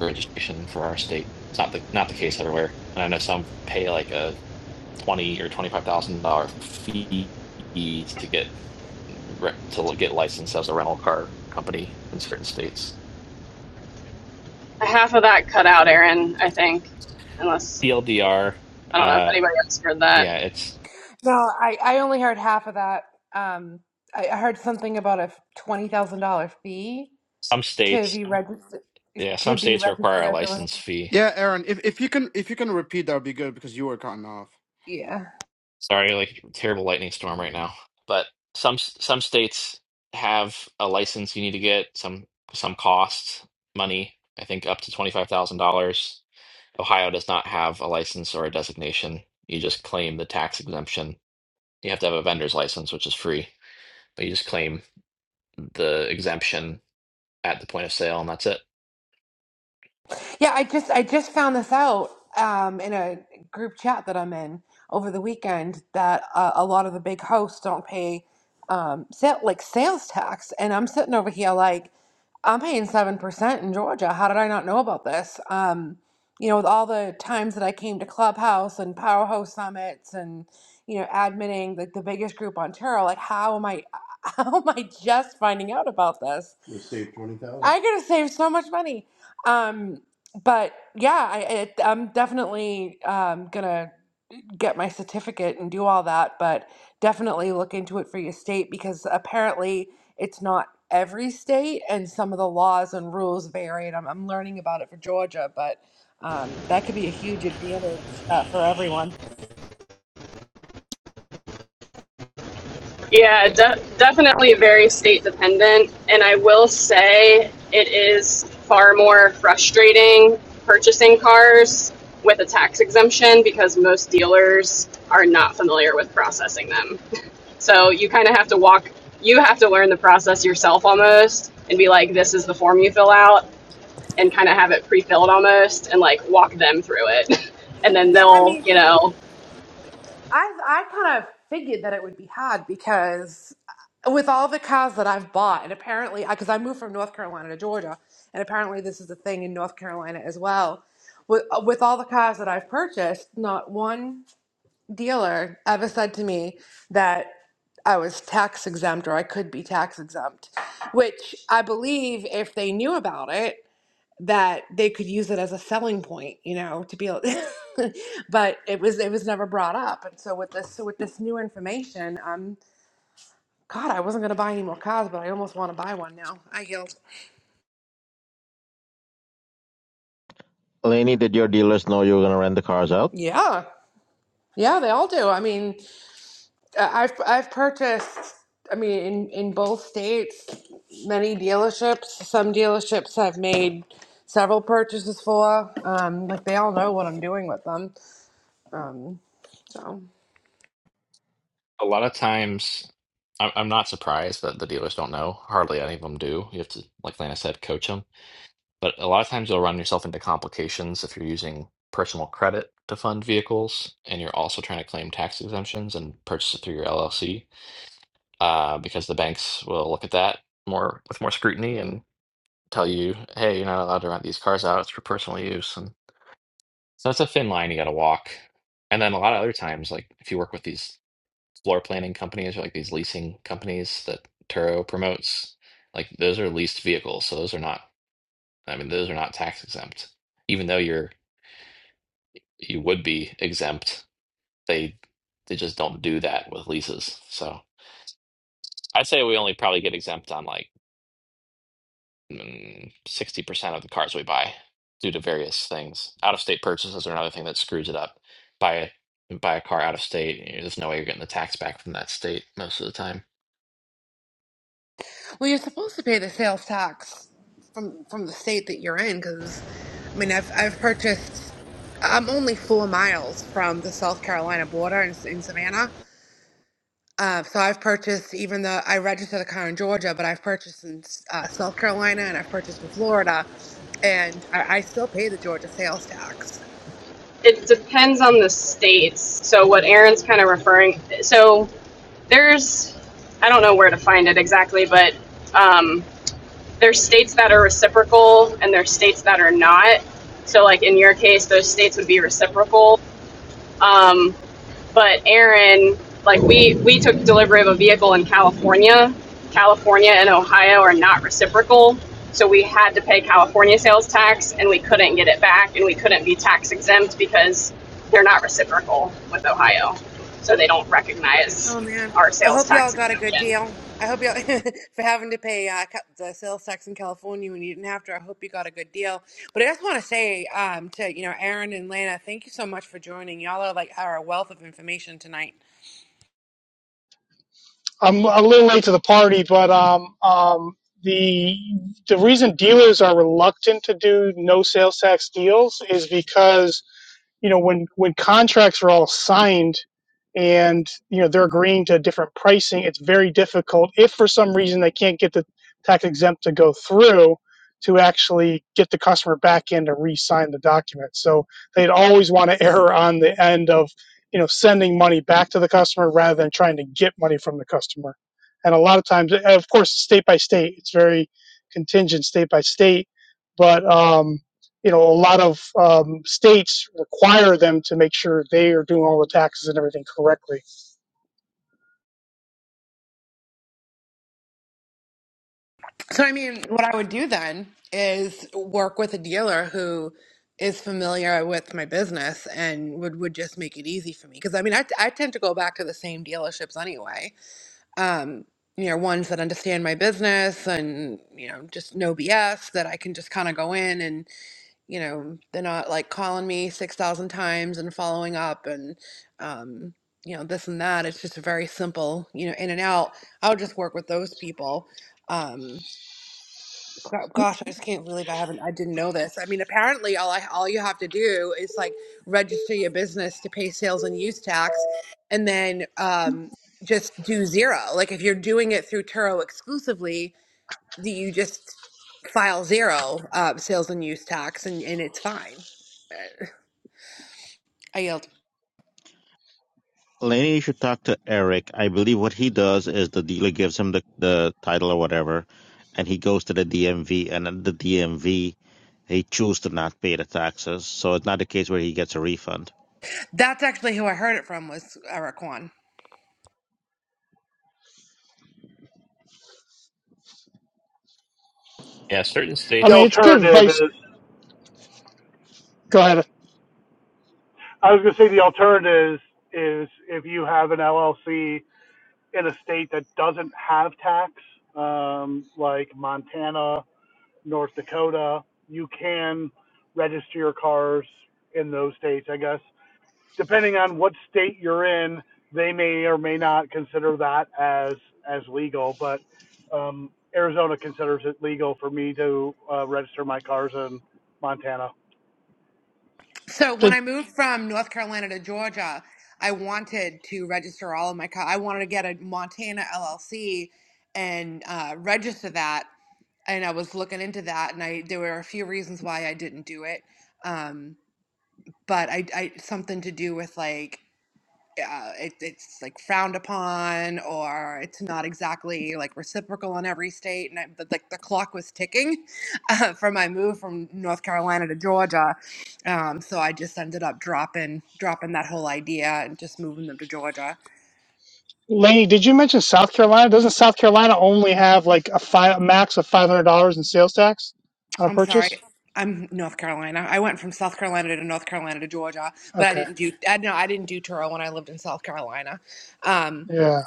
Speaker 2: registration for our state. It's not the not the case everywhere. And I know some pay like a twenty or twenty five thousand dollar fee to get to get licensed as a rental car company in certain states.
Speaker 7: Half of that cut out, Aaron, I think. Unless
Speaker 2: PLDR.
Speaker 7: I don't know if
Speaker 2: uh,
Speaker 7: anybody else heard that.
Speaker 2: yeah, it's
Speaker 9: No, I, I only heard half of that. Um, I, I heard something about a twenty thousand dollar fee
Speaker 2: some
Speaker 9: to
Speaker 2: states.
Speaker 9: be registered
Speaker 2: Yeah,
Speaker 9: to
Speaker 2: some
Speaker 9: be
Speaker 2: states require
Speaker 9: registered
Speaker 2: a
Speaker 9: as a.
Speaker 2: license fee.
Speaker 3: Yeah, Aaron. If if you can if you can repeat, that would be good because you were cutting off.
Speaker 9: Yeah.
Speaker 2: Sorry, like terrible lightning storm right now. But some some states have a license you need to get some some costs money. I think up to twenty five thousand dollars Ohio does not have a license or a designation. You just claim the tax exemption. You have to have a vendor's license, which is free, but you just claim the exemption at the point of sale, and that's it.
Speaker 9: Yeah, I just I just found this out um, in a group chat that I'm in over the weekend that uh, a lot of the big hosts don't pay um, sa- like sales tax, and I'm sitting over here like I'm paying seven percent in Georgia. How did I not know about this? Um, you know, with all the times that I came to Clubhouse and Powerhouse summits and you know admitting like the biggest group on Terra, like how am I how am I just finding out about this? You saved twenty thousand. I could have saved so much money. Um, but yeah, I, I I'm definitely um, gonna get my certificate and do all that, but definitely look into it for your state because apparently it's not every state and some of the laws and rules vary. And I'm, I'm learning about it for Georgia, but um, that could be a huge advantage uh, for everyone.
Speaker 7: Yeah, de- definitely very state dependent. And I will say it is far more frustrating purchasing cars with a tax exemption because most dealers are not familiar with processing them. So you kind of have to walk, you have to learn the process yourself almost and be like, this is the form you fill out and kind of have it pre filled almost and like walk them through it. And then
Speaker 9: Yeah, I mean,
Speaker 7: they'll, you know,
Speaker 9: I I kind of figured that it would be hard because with all the cars that I've bought, and apparently, because I moved from North Carolina to Georgia, and apparently this is a thing in North Carolina as well. With, uh, with all the cars that I've purchased, not one dealer ever said to me that I was tax exempt or I could be tax exempt, which I believe if they knew about it that they could use it as a selling point, you know, to be able but it was it was never brought up. And so with this so with this new information, um God, I wasn't gonna buy any more cars, but I almost want to buy one now. I yield.
Speaker 6: Laney, did your dealers know you were going to rent the cars out?
Speaker 9: Yeah. Yeah, they all do. I mean, I- I've I've purchased I mean in in both states many dealerships. Some dealerships I've made several purchases for. Um like they all know what I'm doing with them. Um so
Speaker 2: A lot of times, I'm I'm not surprised that the dealers don't know. Hardly any of them do. You have to, like Lana said, coach them. But a lot of times, you'll run yourself into complications if you're using personal credit to fund vehicles and you're also trying to claim tax exemptions and purchase it through your LLC, uh, because the banks will look at that more with more scrutiny and tell you, hey, you're not allowed to rent these cars out. It's for personal use. And so that's a thin line you got to walk. And then a lot of other times, like if you work with these floor planning companies or like these leasing companies that Turo promotes, like those are leased vehicles. So those are not, I mean, those are not tax exempt. Even though you're, you would be exempt, they, they just don't do that with leases. So I'd say we only probably get exempt on like mm, sixty percent of the cars we buy due to various things. Out of state purchases are another thing that screws it up. Buy buy a car out of state, you know, there's no way you're getting the tax back from that state most of the time.
Speaker 9: Well, you're supposed to pay the sales tax from from the state that you're in, because I mean, I've I've purchased. I'm only four miles from the South Carolina border in, in Savannah, uh, so I've purchased. Even though I registered the car in Georgia, but I've purchased in uh, South Carolina and I've purchased in Florida, and I, I still pay the Georgia sales tax.
Speaker 7: It depends on the states. So what Aaron's kind of referring, so there's, I don't know where to find it exactly, but um, there's states that are reciprocal and there's states that are not. So like in your case, those states would be reciprocal. Um, but Aaron, like we we took delivery of a vehicle in California. California and Ohio are not reciprocal, so we had to pay California sales tax, and we couldn't get it back, and we couldn't be tax exempt because they're not reciprocal with Ohio, so they don't recognize
Speaker 9: Oh man,
Speaker 7: our
Speaker 9: I
Speaker 7: sales
Speaker 9: hope y'all
Speaker 7: tax
Speaker 9: got a good
Speaker 7: exemption.
Speaker 9: deal. I hope y'all for having to pay uh, ca- the sales tax in California when you didn't have to. I hope you got a good deal. But I just want to say um, to you know Aaron and Lana, thank you so much for joining. Y'all are like are a wealth of information tonight.
Speaker 10: I'm a little late to the party, but um, um, the the reason dealers are reluctant to do no sales tax deals is because you know when when contracts are all signed and you know they're agreeing to different pricing it's very difficult if for some reason they can't get the tax exempt to go through to actually get the customer back in to re-sign the document so they'd always want to err on the end of you know sending money back to the customer rather than trying to get money from the customer and a lot of times of course state by state it's very contingent state by state but um, you know, a lot of um, states require them to make sure they are doing all the taxes and everything correctly.
Speaker 9: So I mean, what I would do then is work with a dealer who is familiar with my business and would would just make it easy for me because I mean I, I tend to go back to the same dealerships anyway um, you know, ones that understand my business and, you know, just no BS that I can just kind of go in and, you know, they're not like calling me 6,000 times and following up and, um, you know, this and that. It's just a very simple, you know, in and out. I'll just work with those people. Um, Go- Gosh, I just can't believe I haven't. I didn't know this. I mean, apparently, all I all you have to do is like register your business to pay sales and use tax, and then um, just do zero. Like if you're doing it through Turo exclusively, do you just file zero uh, sales and use tax, and, and it's fine. I yelled.
Speaker 6: Laney, you should talk to Eric. I believe what he does is the dealer gives him the, the title or whatever, and he goes to the DMV, and at the DMV, he chooses to not pay the taxes. So it's not a case where he gets a refund.
Speaker 9: That's actually who I heard it from was Eric Kwan.
Speaker 2: Yeah, certain
Speaker 10: I
Speaker 8: The
Speaker 10: mean,
Speaker 2: states,
Speaker 10: it's good
Speaker 8: alternative
Speaker 10: advice.
Speaker 8: is,
Speaker 10: Go ahead.
Speaker 8: I was going to say, the alternative is is if you have an LLC in a state that doesn't have tax, um, like Montana, North Dakota, you can register your cars in those states, I guess. Depending on what state you're in, they may or may not consider that as as legal, but um, Arizona considers it legal for me to uh, register my cars in Montana.
Speaker 9: So when
Speaker 10: Did,
Speaker 9: I moved from North Carolina to Georgia, I wanted to register all of my co- I wanted to get a Montana LLC and uh, register that. And I was looking into that, and I there were a few reasons why I didn't do it, um, but I, I something to do with like uh, it, it's like frowned upon or it's not exactly like reciprocal in every state and I, but, like the clock was ticking uh, for my move from north carolina to georgia um, so i just ended up dropping dropping that whole idea and just moving them to georgia
Speaker 10: Laney, did you mention South Carolina? Doesn't South Carolina only have like a fi- max of five hundred dollars in sales tax on a
Speaker 9: i'm sorry
Speaker 10: purchase?
Speaker 9: i'm north carolina i went from south carolina to north carolina to georgia but i
Speaker 10: Okay,
Speaker 9: didn't do i know i didn't do turo when i lived in south carolina um,
Speaker 10: yeah.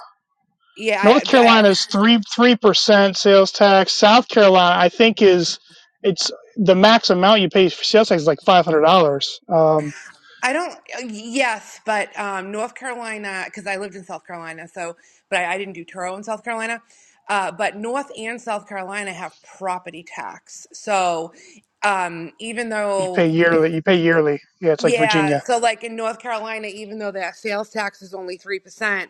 Speaker 10: North
Speaker 9: yeah
Speaker 10: Carolina's three three percent sales tax. South Carolina, I think, is it's the max amount you pay for sales tax is like five hundred dollars. Um,
Speaker 9: I don't. uh, Yes, but um, North Carolina, because I lived in South Carolina, so but I, I didn't do Turo in South Carolina. Uh, but North and South Carolina have property tax, so um, even
Speaker 10: you pay
Speaker 9: though
Speaker 10: yearly. You pay yearly. Yeah, it's like
Speaker 9: yeah,
Speaker 10: Virginia.
Speaker 9: so like in North Carolina, even though that sales tax is only three percent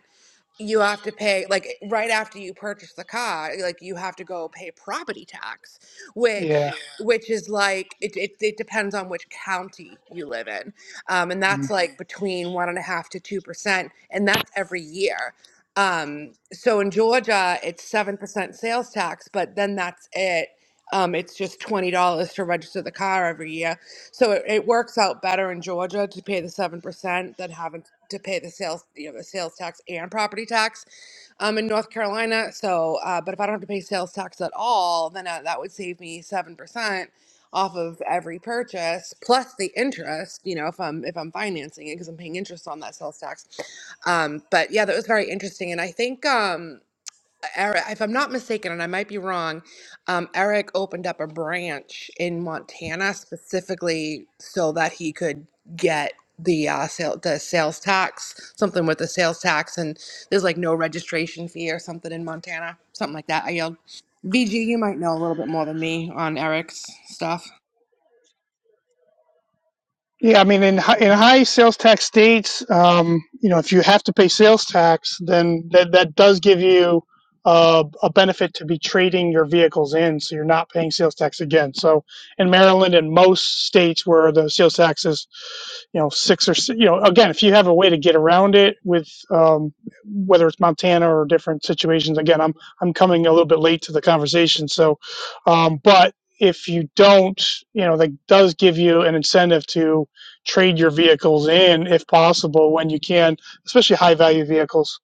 Speaker 9: you have to pay like right after you purchase the car like you have to go pay property tax which
Speaker 10: Yeah.
Speaker 9: Yeah. which is like it, it, it depends on which county you live in um, and that's like Mm. between one and a half to two percent and that's every year um, so in georgia it's seven percent sales tax but then that's it um, it's just twenty dollars to register the car every year, so it, it works out better in Georgia to pay the seven percent than having to pay the sales, you know, the sales tax and property tax um, in North Carolina. So, uh, but if I don't have to pay sales tax at all, then uh, that would save me seven percent off of every purchase plus the interest. You know, if I'm if I'm financing it because I'm paying interest on that sales tax. Um, but yeah, that was very interesting, and I think. Um, E, Eric, if I'm not mistaken, and I might be wrong, um, Eric opened up a branch in Montana specifically so that he could get the uh, sale, the sales tax, something with the sales tax, and there's like no registration fee or something in Montana, something like that. I yelled, "VG, you might know a little bit more than me on Eric's stuff."
Speaker 10: Yeah, I mean, in hi- in high sales tax states, um, you know, if you have to pay sales tax, then that that does give you uh, a benefit to be trading your vehicles in, so you're not paying sales tax again. So in Maryland and most states where the sales tax is, you know, six or s- you know, again, if you have a way to get around it with um, whether it's Montana or different situations, again, I'm I'm coming a little bit late to the conversation, so um, but if you don't, you know, that does give you an incentive to trade your vehicles in if possible when you can, especially high value vehicles.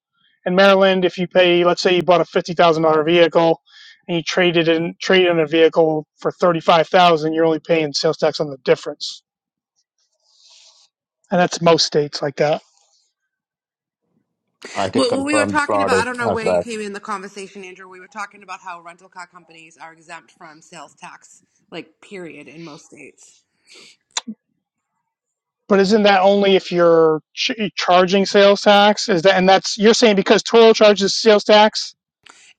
Speaker 10: In Maryland, if you pay, let's say you bought a fifty thousand dollar vehicle and you traded in trade in a vehicle for thirty five thousand, dollars, you're only paying sales tax on the difference, and that's most states like that.
Speaker 6: I could
Speaker 9: Well, what we were
Speaker 6: confirm
Speaker 9: talking about, I
Speaker 6: Florida.
Speaker 9: don't know
Speaker 6: has
Speaker 9: where you
Speaker 6: that?
Speaker 9: came in the conversation, Andrew. We were talking about how rental car companies are exempt from sales tax, like period, in most states.
Speaker 10: But isn't that only if you're ch- charging sales tax? Is that and that's you're saying because Toro charges sales tax?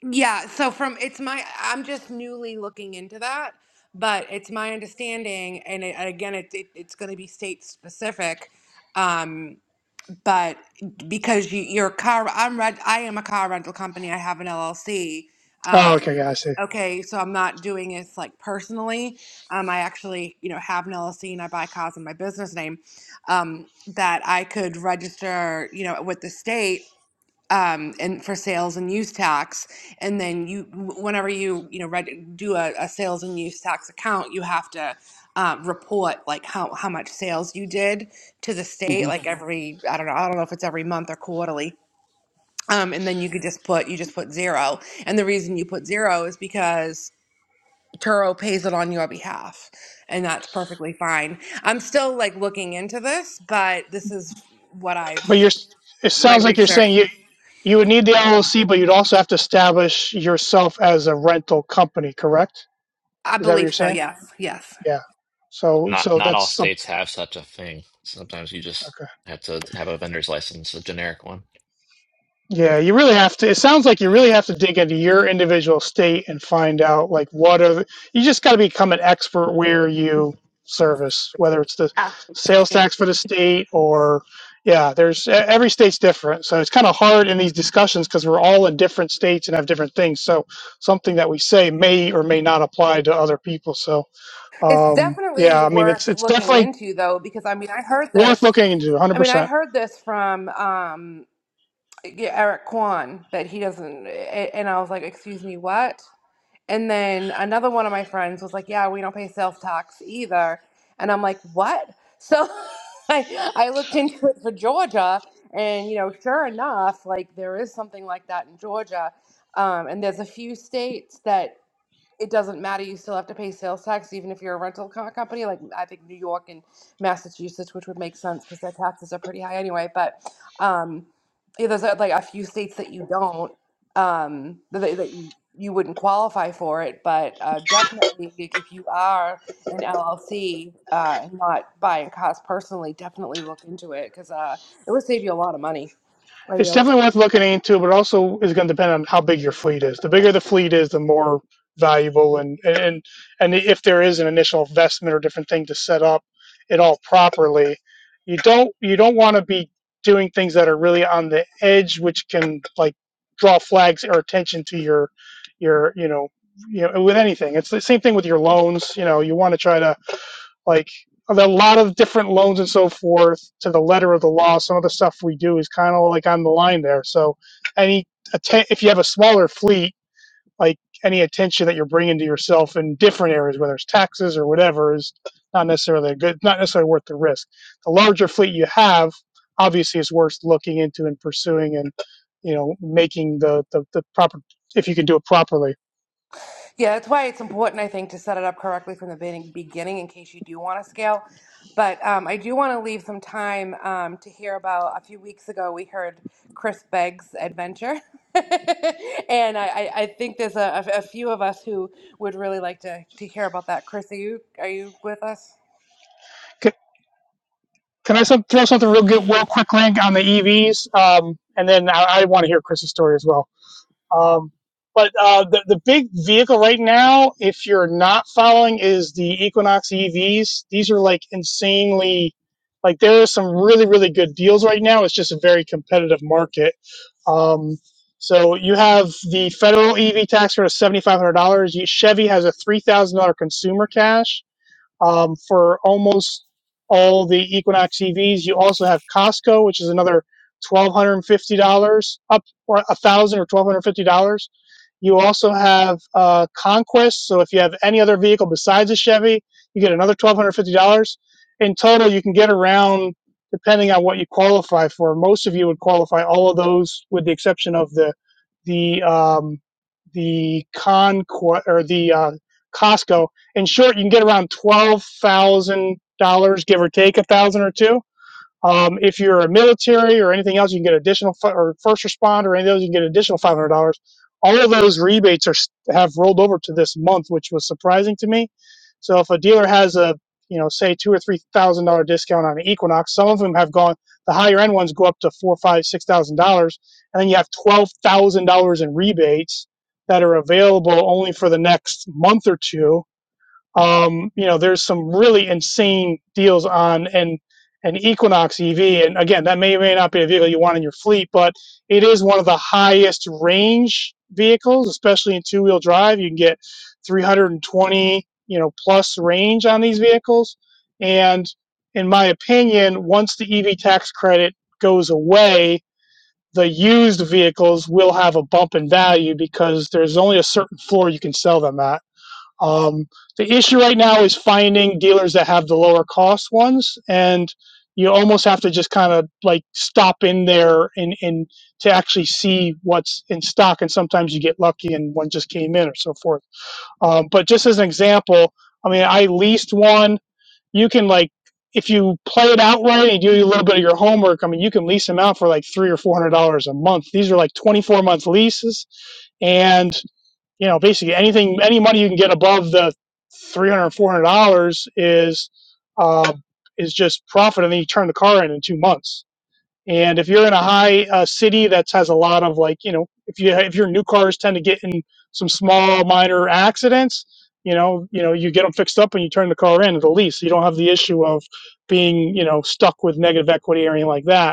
Speaker 9: Yeah, so from it's my I'm just newly looking into that, but it's my understanding, and it, again, it, it it's going to be state specific, um, but because you your car I'm red. I am a car rental company. I have an LLC.
Speaker 10: Oh, okay,
Speaker 9: Um,
Speaker 10: yeah, I see.
Speaker 9: okay, so I'm not doing this like personally. Um, I actually you know have an LLC and I buy cars in my business name. Um, that I could register you know with the state um, and for sales and use tax. And then you, whenever you, you know, reg- do a, a sales and use tax account, you have to uh, report like how, how much sales you did to the
Speaker 10: Mm-hmm.
Speaker 9: state, like Mhm. every, I don't know, I don't know if it's every month or quarterly. Um, and then you could just put, you just put zero. And the reason you put zero is because Turo pays it on your behalf and that's perfectly fine. I'm still like looking into this, but this is what I've,
Speaker 10: But you're, it
Speaker 9: my
Speaker 10: sounds like you're
Speaker 9: research.
Speaker 10: saying you you would need the LLC, but you'd also have to establish yourself as a rental company, correct?
Speaker 9: I
Speaker 10: Is that what you're
Speaker 9: believe so.
Speaker 10: saying?
Speaker 9: Yes. Yes.
Speaker 10: Yeah. So
Speaker 2: not
Speaker 10: so
Speaker 2: not
Speaker 10: that's
Speaker 2: all
Speaker 10: some
Speaker 2: states have such a thing. Sometimes you just
Speaker 10: okay.
Speaker 2: have to have a vendor's license, a generic one.
Speaker 10: Yeah, you really have to. It sounds like you really have to dig into your individual state and find out like what are the, you just got to become an expert where you service, whether it's the sales tax for the state or yeah, there's e- every state's different. So it's kind of hard in these discussions because we're all in different states and have different things. So something that we say may or may not apply to other people. So
Speaker 9: It's
Speaker 10: um,
Speaker 9: definitely
Speaker 10: yeah, I mean
Speaker 9: worth
Speaker 10: it's it's
Speaker 9: looking
Speaker 10: definitely
Speaker 9: into, though, because I mean, I heard this.
Speaker 10: worth looking into
Speaker 9: I mean, I
Speaker 10: 100%.
Speaker 9: heard this from um, yeah, Eric Kwan that he doesn't, a- and I was like, "Excuse me, what?" And then another one of my friends was like, "Yeah, we don't pay sales tax either," and I'm like, "What?" So I I looked into it for Georgia, and you know, sure enough, like there is something like that in Georgia, um, and there's a few states that it doesn't matter. You still have to pay sales tax, even if you're a rental car company. Like I think New York and Massachusetts, which would make sense because their taxes are pretty high anyway. But um, yeah, there's uh, like a few states that you don't um, that, that that you you wouldn't qualify for it. But uh, definitely, i- if you are an LLC uh, and not buying cars personally, definitely look into it because uh, it would save you a lot of money. I
Speaker 10: It's
Speaker 9: yield.
Speaker 10: definitely worth looking into, but also is going to depend on how big your fleet is. The bigger the fleet is, the more valuable, and and and if there is an initial investment or different thing to set up it all properly, you don't you don't want to be doing things that are really on the edge, which can like draw flags or attention to your your you know you know with anything. It's the same thing with your loans. You know, you want to try to like a lot of different loans and so forth to the letter of the law. Some of the stuff we do is kind of like on the line there. So any atten- if you have a smaller fleet, like any attention that you're bringing to yourself in different areas, whether it's taxes or whatever, is not necessarily a good, not necessarily worth the risk. The larger fleet you have, obviously, is worth looking into and pursuing and you know making the the, the proper if you can do it properly.
Speaker 9: Yeah, that's why it's important, I think, to set it up correctly from the beginning, beginning in case you do want to scale. But um, I do want to leave some time um, to hear about a few weeks ago, we heard Chris Begg's adventure. and I, I I think there's a, a few of us who would really like to, to hear about that. Chris, are you, are you with us?
Speaker 10: Can I some, throw something real good, real quick, Link, on the EVs? Um, and then I, I want to hear Chris's story as well. Um, but uh, the, the big vehicle right now, if you're not following, is the Equinox EVs. These are like insanely, like there are some really, really good deals right now. It's just a very competitive market. Um, so you have the federal EV tax credit of $7,500. Chevy has a $3,000 consumer cash um, for almost all the Equinox EVs. You also have Costco, which is another twelve hundred and fifty dollars, up or a thousand dollars or twelve hundred fifty dollars. You also have uh, Conquest. So if you have any other vehicle besides a Chevy, you get another twelve hundred fifty dollars. In total, you can get around depending on what you qualify for. Most of you would qualify all of those, with the exception of the the um, the Conquest or the uh, Costco in short, you can get around twelve thousand dollars, give or take a thousand or two. Um, if you're a military or anything else, you can get additional or first responder, or any of those, you can get an additional five hundred dollars. All of those rebates are have rolled over to this month, which was surprising to me. So if a dealer has a you know say two or three thousand dollar discount on an Equinox, some of them have gone. The higher end ones go up to four, five, six thousand dollars, and then you have twelve thousand dollars in rebates that are available only for the next month or two um, you know, there's some really insane deals on an an Equinox EV, and again, that may or may not be a vehicle you want in your fleet, but it is one of the highest range vehicles, especially in two wheel drive. You can get 320, you know, plus range on these vehicles, and in my opinion, once the EV tax credit goes away, the used vehicles will have a bump in value because there's only a certain floor you can sell them at um, the issue right now is finding dealers that have the lower cost ones, and you almost have to just kind of like stop in there and, and to actually see what's in stock. And sometimes you get lucky and one just came in or so forth. Um, but just as an example, I mean, I leased one. You can like if you play it out right and you do a little bit of your homework. I mean, you can lease them out for like three or four hundred dollars a month. These are like twenty-four month leases, and you know basically anything any money you can get above the 300 400 dollars four hundred dollars is uh, is just profit and then you turn the car in in two months and if you're in a high uh, city that has a lot of like you know if you if your new cars tend to get in some small minor accidents you know you know you get them fixed up and you turn the car in at the lease you don't have the issue of being you know stuck with negative equity or anything like that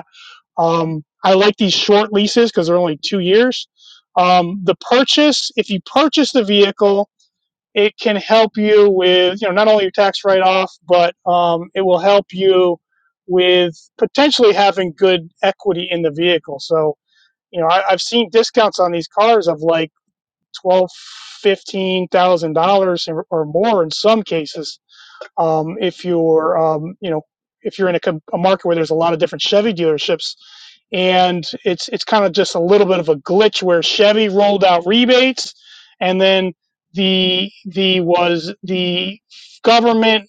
Speaker 10: um, I like these short leases because they're only two years. Um, the purchase, if you purchase the vehicle, it can help you with you know not only your tax write off, but um, it will help you with potentially having good equity in the vehicle. So you know I, I've seen discounts on these cars of like twelve, fifteen thousand dollars or or more in some cases um, if you're, um, you know, if you're in a, a market where there's a lot of different Chevy dealerships, and it's it's kind of just a little bit of a glitch where Chevy rolled out rebates, and then the the was the government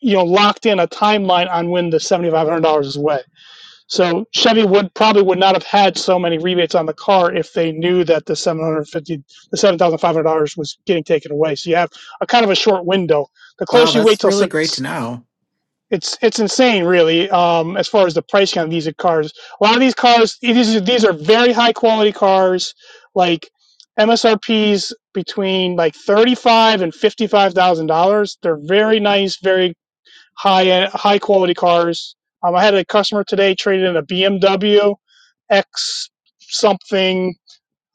Speaker 10: you know locked in a timeline on when the seventy five hundred dollars is away. So Chevy would probably would not have had so many rebates on the car if they knew that the seven hundred fifty the seven thousand five hundred dollars was getting taken away. So you have a kind of a short window. The
Speaker 4: Wow,
Speaker 10: closer you wait
Speaker 4: that's
Speaker 10: till
Speaker 4: really great to know.
Speaker 10: it's it's insane, really. Um, as far as the pricing on these cars, a lot of these cars, these these are very high quality cars, like MSRP's between like thirty five and fifty five thousand dollars. They're very nice, very high high quality cars. Um, I had a customer today traded in a BMW X something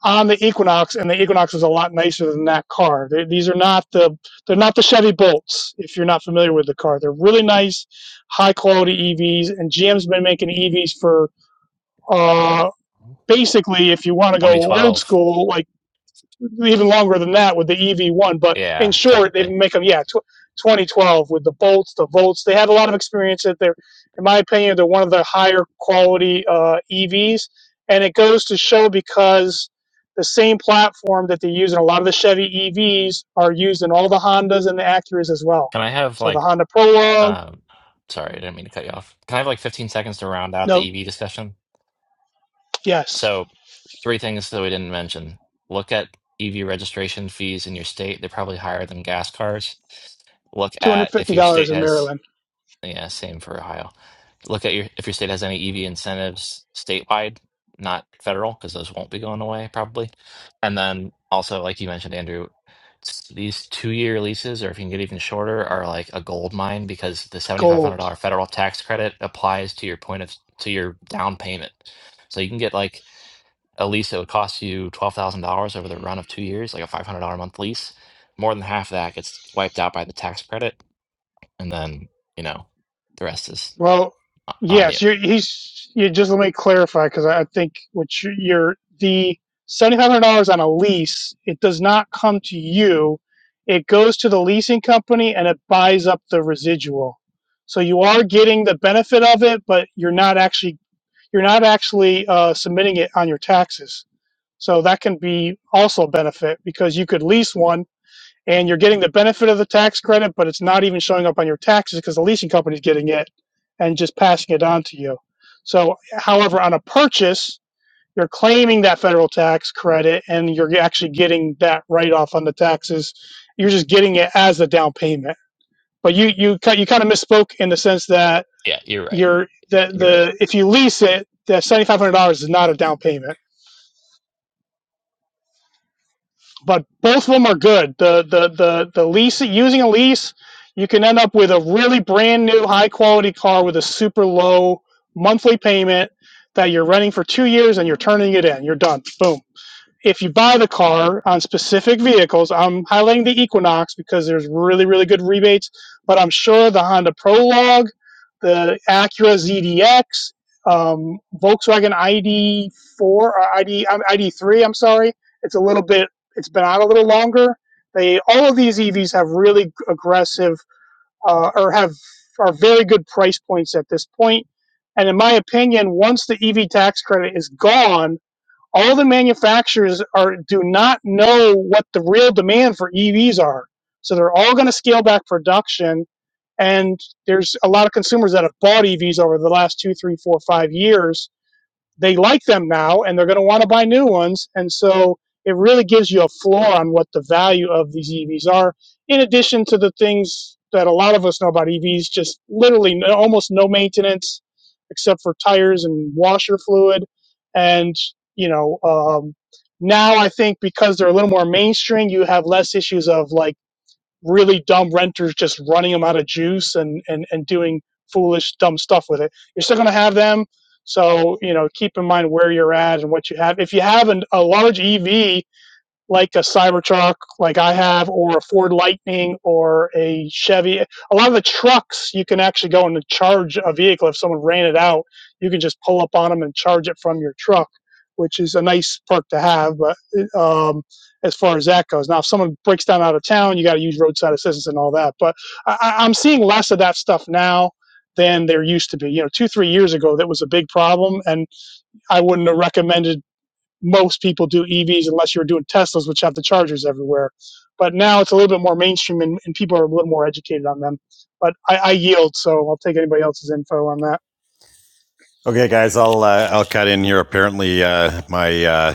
Speaker 10: on the Equinox, and the Equinox is a lot nicer than that car. they these are not the they're not the Chevy Bolts. If you're not familiar with the car, they're really nice, high quality EVs. And GM's been making EVs for uh, basically, if you want to go old
Speaker 2: 2012.
Speaker 10: school, like even longer than that with the EV1. But in
Speaker 2: Yeah,
Speaker 10: short, they
Speaker 2: technically.
Speaker 10: make them, yeah, tw- 2012 with the Bolts, the Volts. They have a lot of experience That they're, in my opinion, they're one of the higher quality uh, EVs. And it goes to show because the same platform that they use in a lot of the Chevy EVs are used in all the Hondas and the Acuras as well.
Speaker 2: Can I have
Speaker 10: So the
Speaker 2: like
Speaker 10: Honda Prologue,
Speaker 2: um sorry, I didn't mean to cut you off. Can I have like 15 seconds to round out
Speaker 10: no,
Speaker 2: the EV discussion?
Speaker 10: yes,
Speaker 2: So, three things that we didn't mention. Look at EV registration fees in your state. They're probably higher than gas cars. Look at if your state
Speaker 10: $250 in
Speaker 2: has,
Speaker 10: Maryland,
Speaker 2: yeah, same for Ohio. Look at your if your state has any EV incentives statewide, not federal, because those won't be going away probably. And then also, like you mentioned, Andrew, s- these two-year leases, or if you can get even shorter, are like a gold mine because the
Speaker 10: gold.
Speaker 2: $7,500 federal tax credit applies to your point of to your down payment. So you can get like a lease that would cost you $12,000 over the run of two years, like a $500 a month lease, more than half of that gets wiped out by the tax credit. And then, you know, the rest is
Speaker 10: Well,
Speaker 2: o- on you.
Speaker 10: yes, you're, he's. You just let me clarify because I I think what you- you're the seventy five hundred dollars on a lease. It does not come to you. It goes to the leasing company and it buys up the residual. So you are getting the benefit of it, but you're not actually you're not actually uh, submitting it on your taxes. So that can be also a benefit because you could lease one and you're getting the benefit of the tax credit, but it's not even showing up on your taxes because the leasing company's getting it and just passing it on to you. So, however, on a purchase, you're claiming that federal tax credit and you're actually getting that write off on the taxes. You're just getting it as a down payment. But you you you kind of misspoke in the sense that
Speaker 2: Yeah, you're right.
Speaker 10: you're the
Speaker 2: You're right.
Speaker 10: the if you lease it, the seventy five hundred dollars is not a down payment. but both of them are good. The the the the lease using a lease, you can end up with a really brand new high quality car with a super low monthly payment that you're running for two years and you're turning it in. You're done. Boom if you buy the car on specific vehicles, I'm highlighting the Equinox because there's really, really good rebates, but I'm sure the Honda Prologue, the Acura ZDX, um, Volkswagen ID4 or ID, um, ID3, I'm sorry, it's a little bit, it's been out a little longer. They, all of these EVs have really aggressive, uh, or have, are very good price points at this point. And in my opinion, once the EV tax credit is gone, all the manufacturers are do not know what the real demand for EVs are. So they're all going to scale back production. And there's a lot of consumers that have bought EVs over the last two, three, four, five years they like them now and they're going to want to buy new ones. And so it really gives you a floor on what the value of these EVs are, in addition to the things that a lot of us know about EVs just literally no, almost no maintenance except for tires and washer fluid. And, you know, um, now I think because they're a little more mainstream, you have less issues of like, really dumb renters just running them out of juice and and and doing foolish dumb stuff with it you're still going to have them so you know keep in mind where you're at and what you have if you have an, a large ev like a Cybertruck, like I have, or a Ford Lightning, or a Chevy. A lot of the trucks you can actually go and charge a vehicle if someone ran it out. You can just pull up on them and charge it from your truck, which is a nice perk to have. But um, as far as that goes, now if someone breaks down out of town, you got to use roadside assistance and all that. But I, I- I'm seeing less of that stuff now than there used to be. You know, two three years ago, that was a big problem, and I wouldn't have recommended most people do EVs unless you're doing Teslas, which have the chargers everywhere. But now it's a little bit more mainstream and, and people are a little more educated on them. But I, I yield, so I'll take anybody else's info on that.
Speaker 11: Okay, guys, I'll uh, I'll cut in here. Apparently, uh, my uh,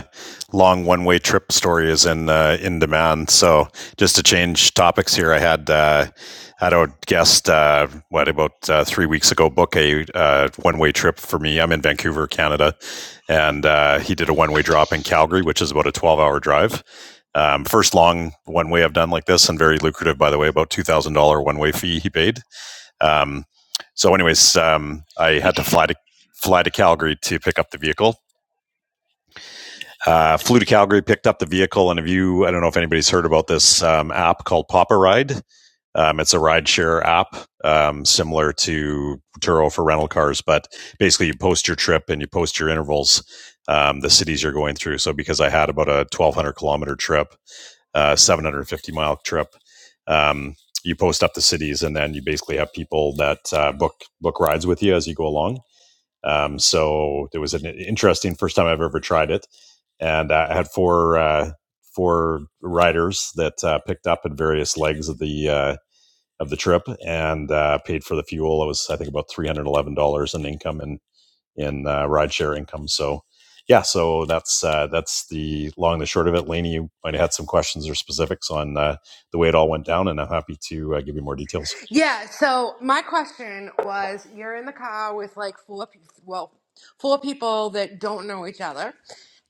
Speaker 9: Yeah, so my question was you're in the car with like four people, well, four people that don't know each other.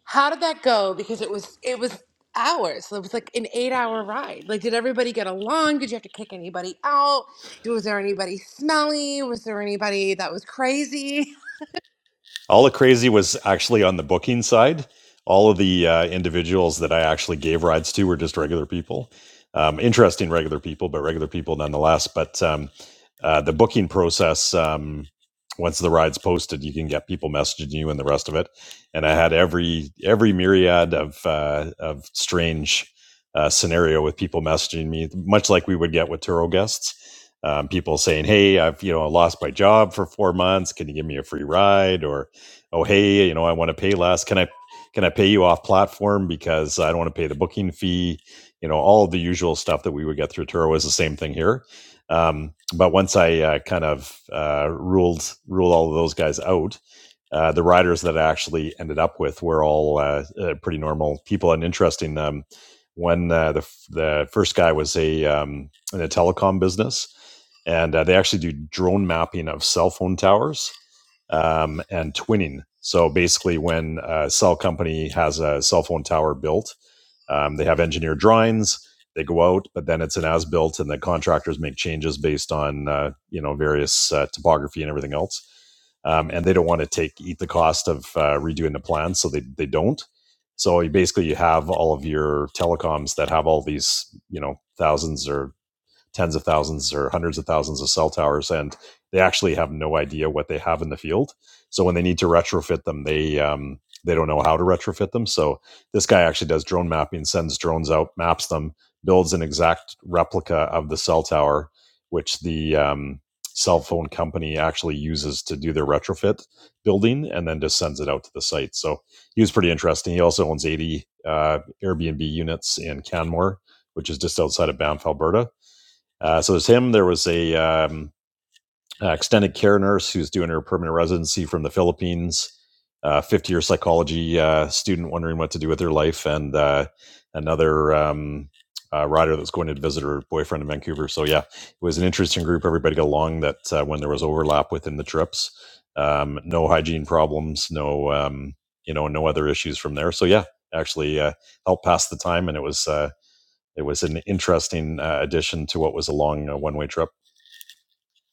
Speaker 9: How did that go? Because it was it was hours. So it was like an 8-hour ride. Like did everybody get along? Did you have to kick anybody out? Was there anybody smelly? Was there anybody that was crazy?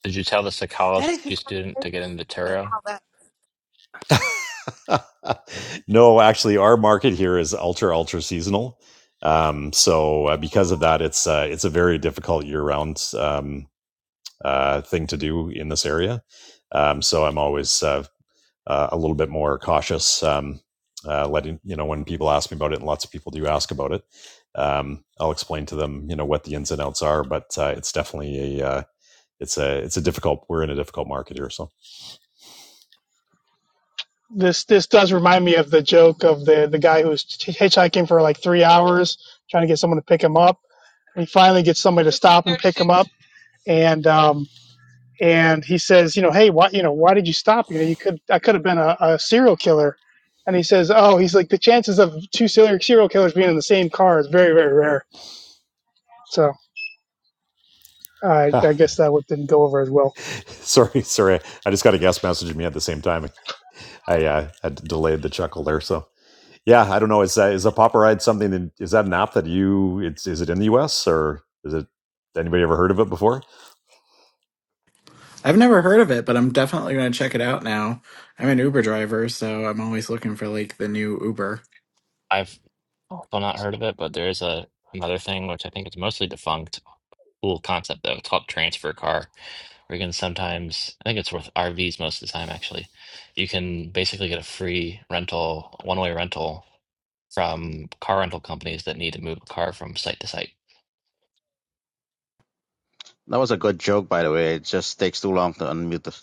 Speaker 2: Did you tell the psychology student to get into Turo?
Speaker 10: This this does remind me of the joke of the the guy who was hitchhiking for like three hours trying to get someone to pick him up. he finally gets somebody to stop and pick him up, and um, and he says, you know, hey, why, you know, why did you stop? You know, you could, I could have been a, a serial killer. And he says, oh, he's like the chances of two serial killers being in the same car is very, very rare. So I, I guess that didn't go over as well.
Speaker 4: I've never heard of it, but I'm definitely going to check it out now. I'm an Uber driver, so I'm always looking for like the new Uber.
Speaker 2: I've also not heard of it, but there is a another thing which I think is mostly defunct. Cool concept though. It's called transfer car. Where you can sometimes, I think it's worth RVs most of the time actually. You can basically get a free rental, one way rental from car rental companies that need to move a car from site to site.
Speaker 6: That was a good joke, by the way. It just takes too long to unmute the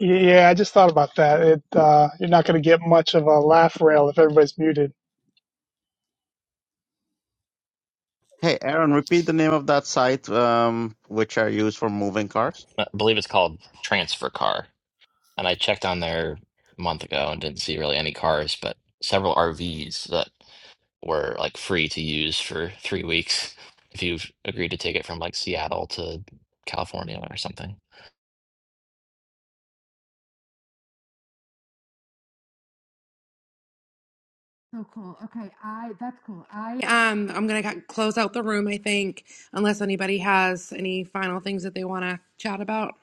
Speaker 10: Yeah, I just thought about that. It, uh, you're not going to get much of a laugh rail if everybody's muted.
Speaker 6: Hey, Aaron, repeat the name of that site um, which are used for moving cars.
Speaker 2: I believe it's called Transfer Car. And I checked on there a month ago and didn't see really any cars, but several RVs that were like free to use for three weeks if you've agreed to take it from like Seattle to California or something.
Speaker 9: So cool. Okay, I that's cool. I Um, I'm gonna ca- close out the room, I think, unless anybody has any final things that they want to chat about.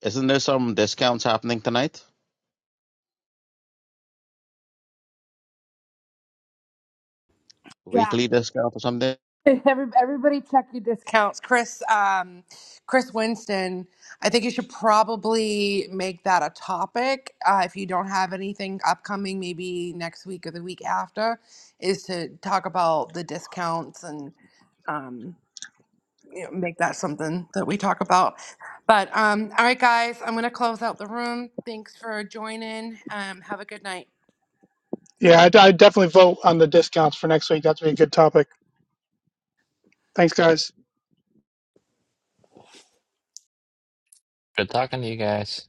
Speaker 6: Isn't there some discounts happening tonight? Weekly discount or something?
Speaker 9: Every- Everybody check your discounts. Chris, um, Chris Winston, I think you should probably make that a topic. Uh, if you don't have anything upcoming, maybe next week or the week after, is to talk about the discounts and um, you know, make that something that we talk about. But um, all right, guys, I'm going to close out the room. Thanks for joining. Um, have a good night.
Speaker 10: Yeah, I, I definitely vote on the discounts for next week. That's be a good topic. Thanks, guys.
Speaker 2: Good talking to you guys.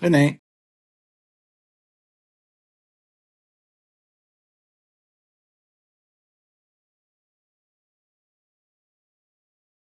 Speaker 4: Good night.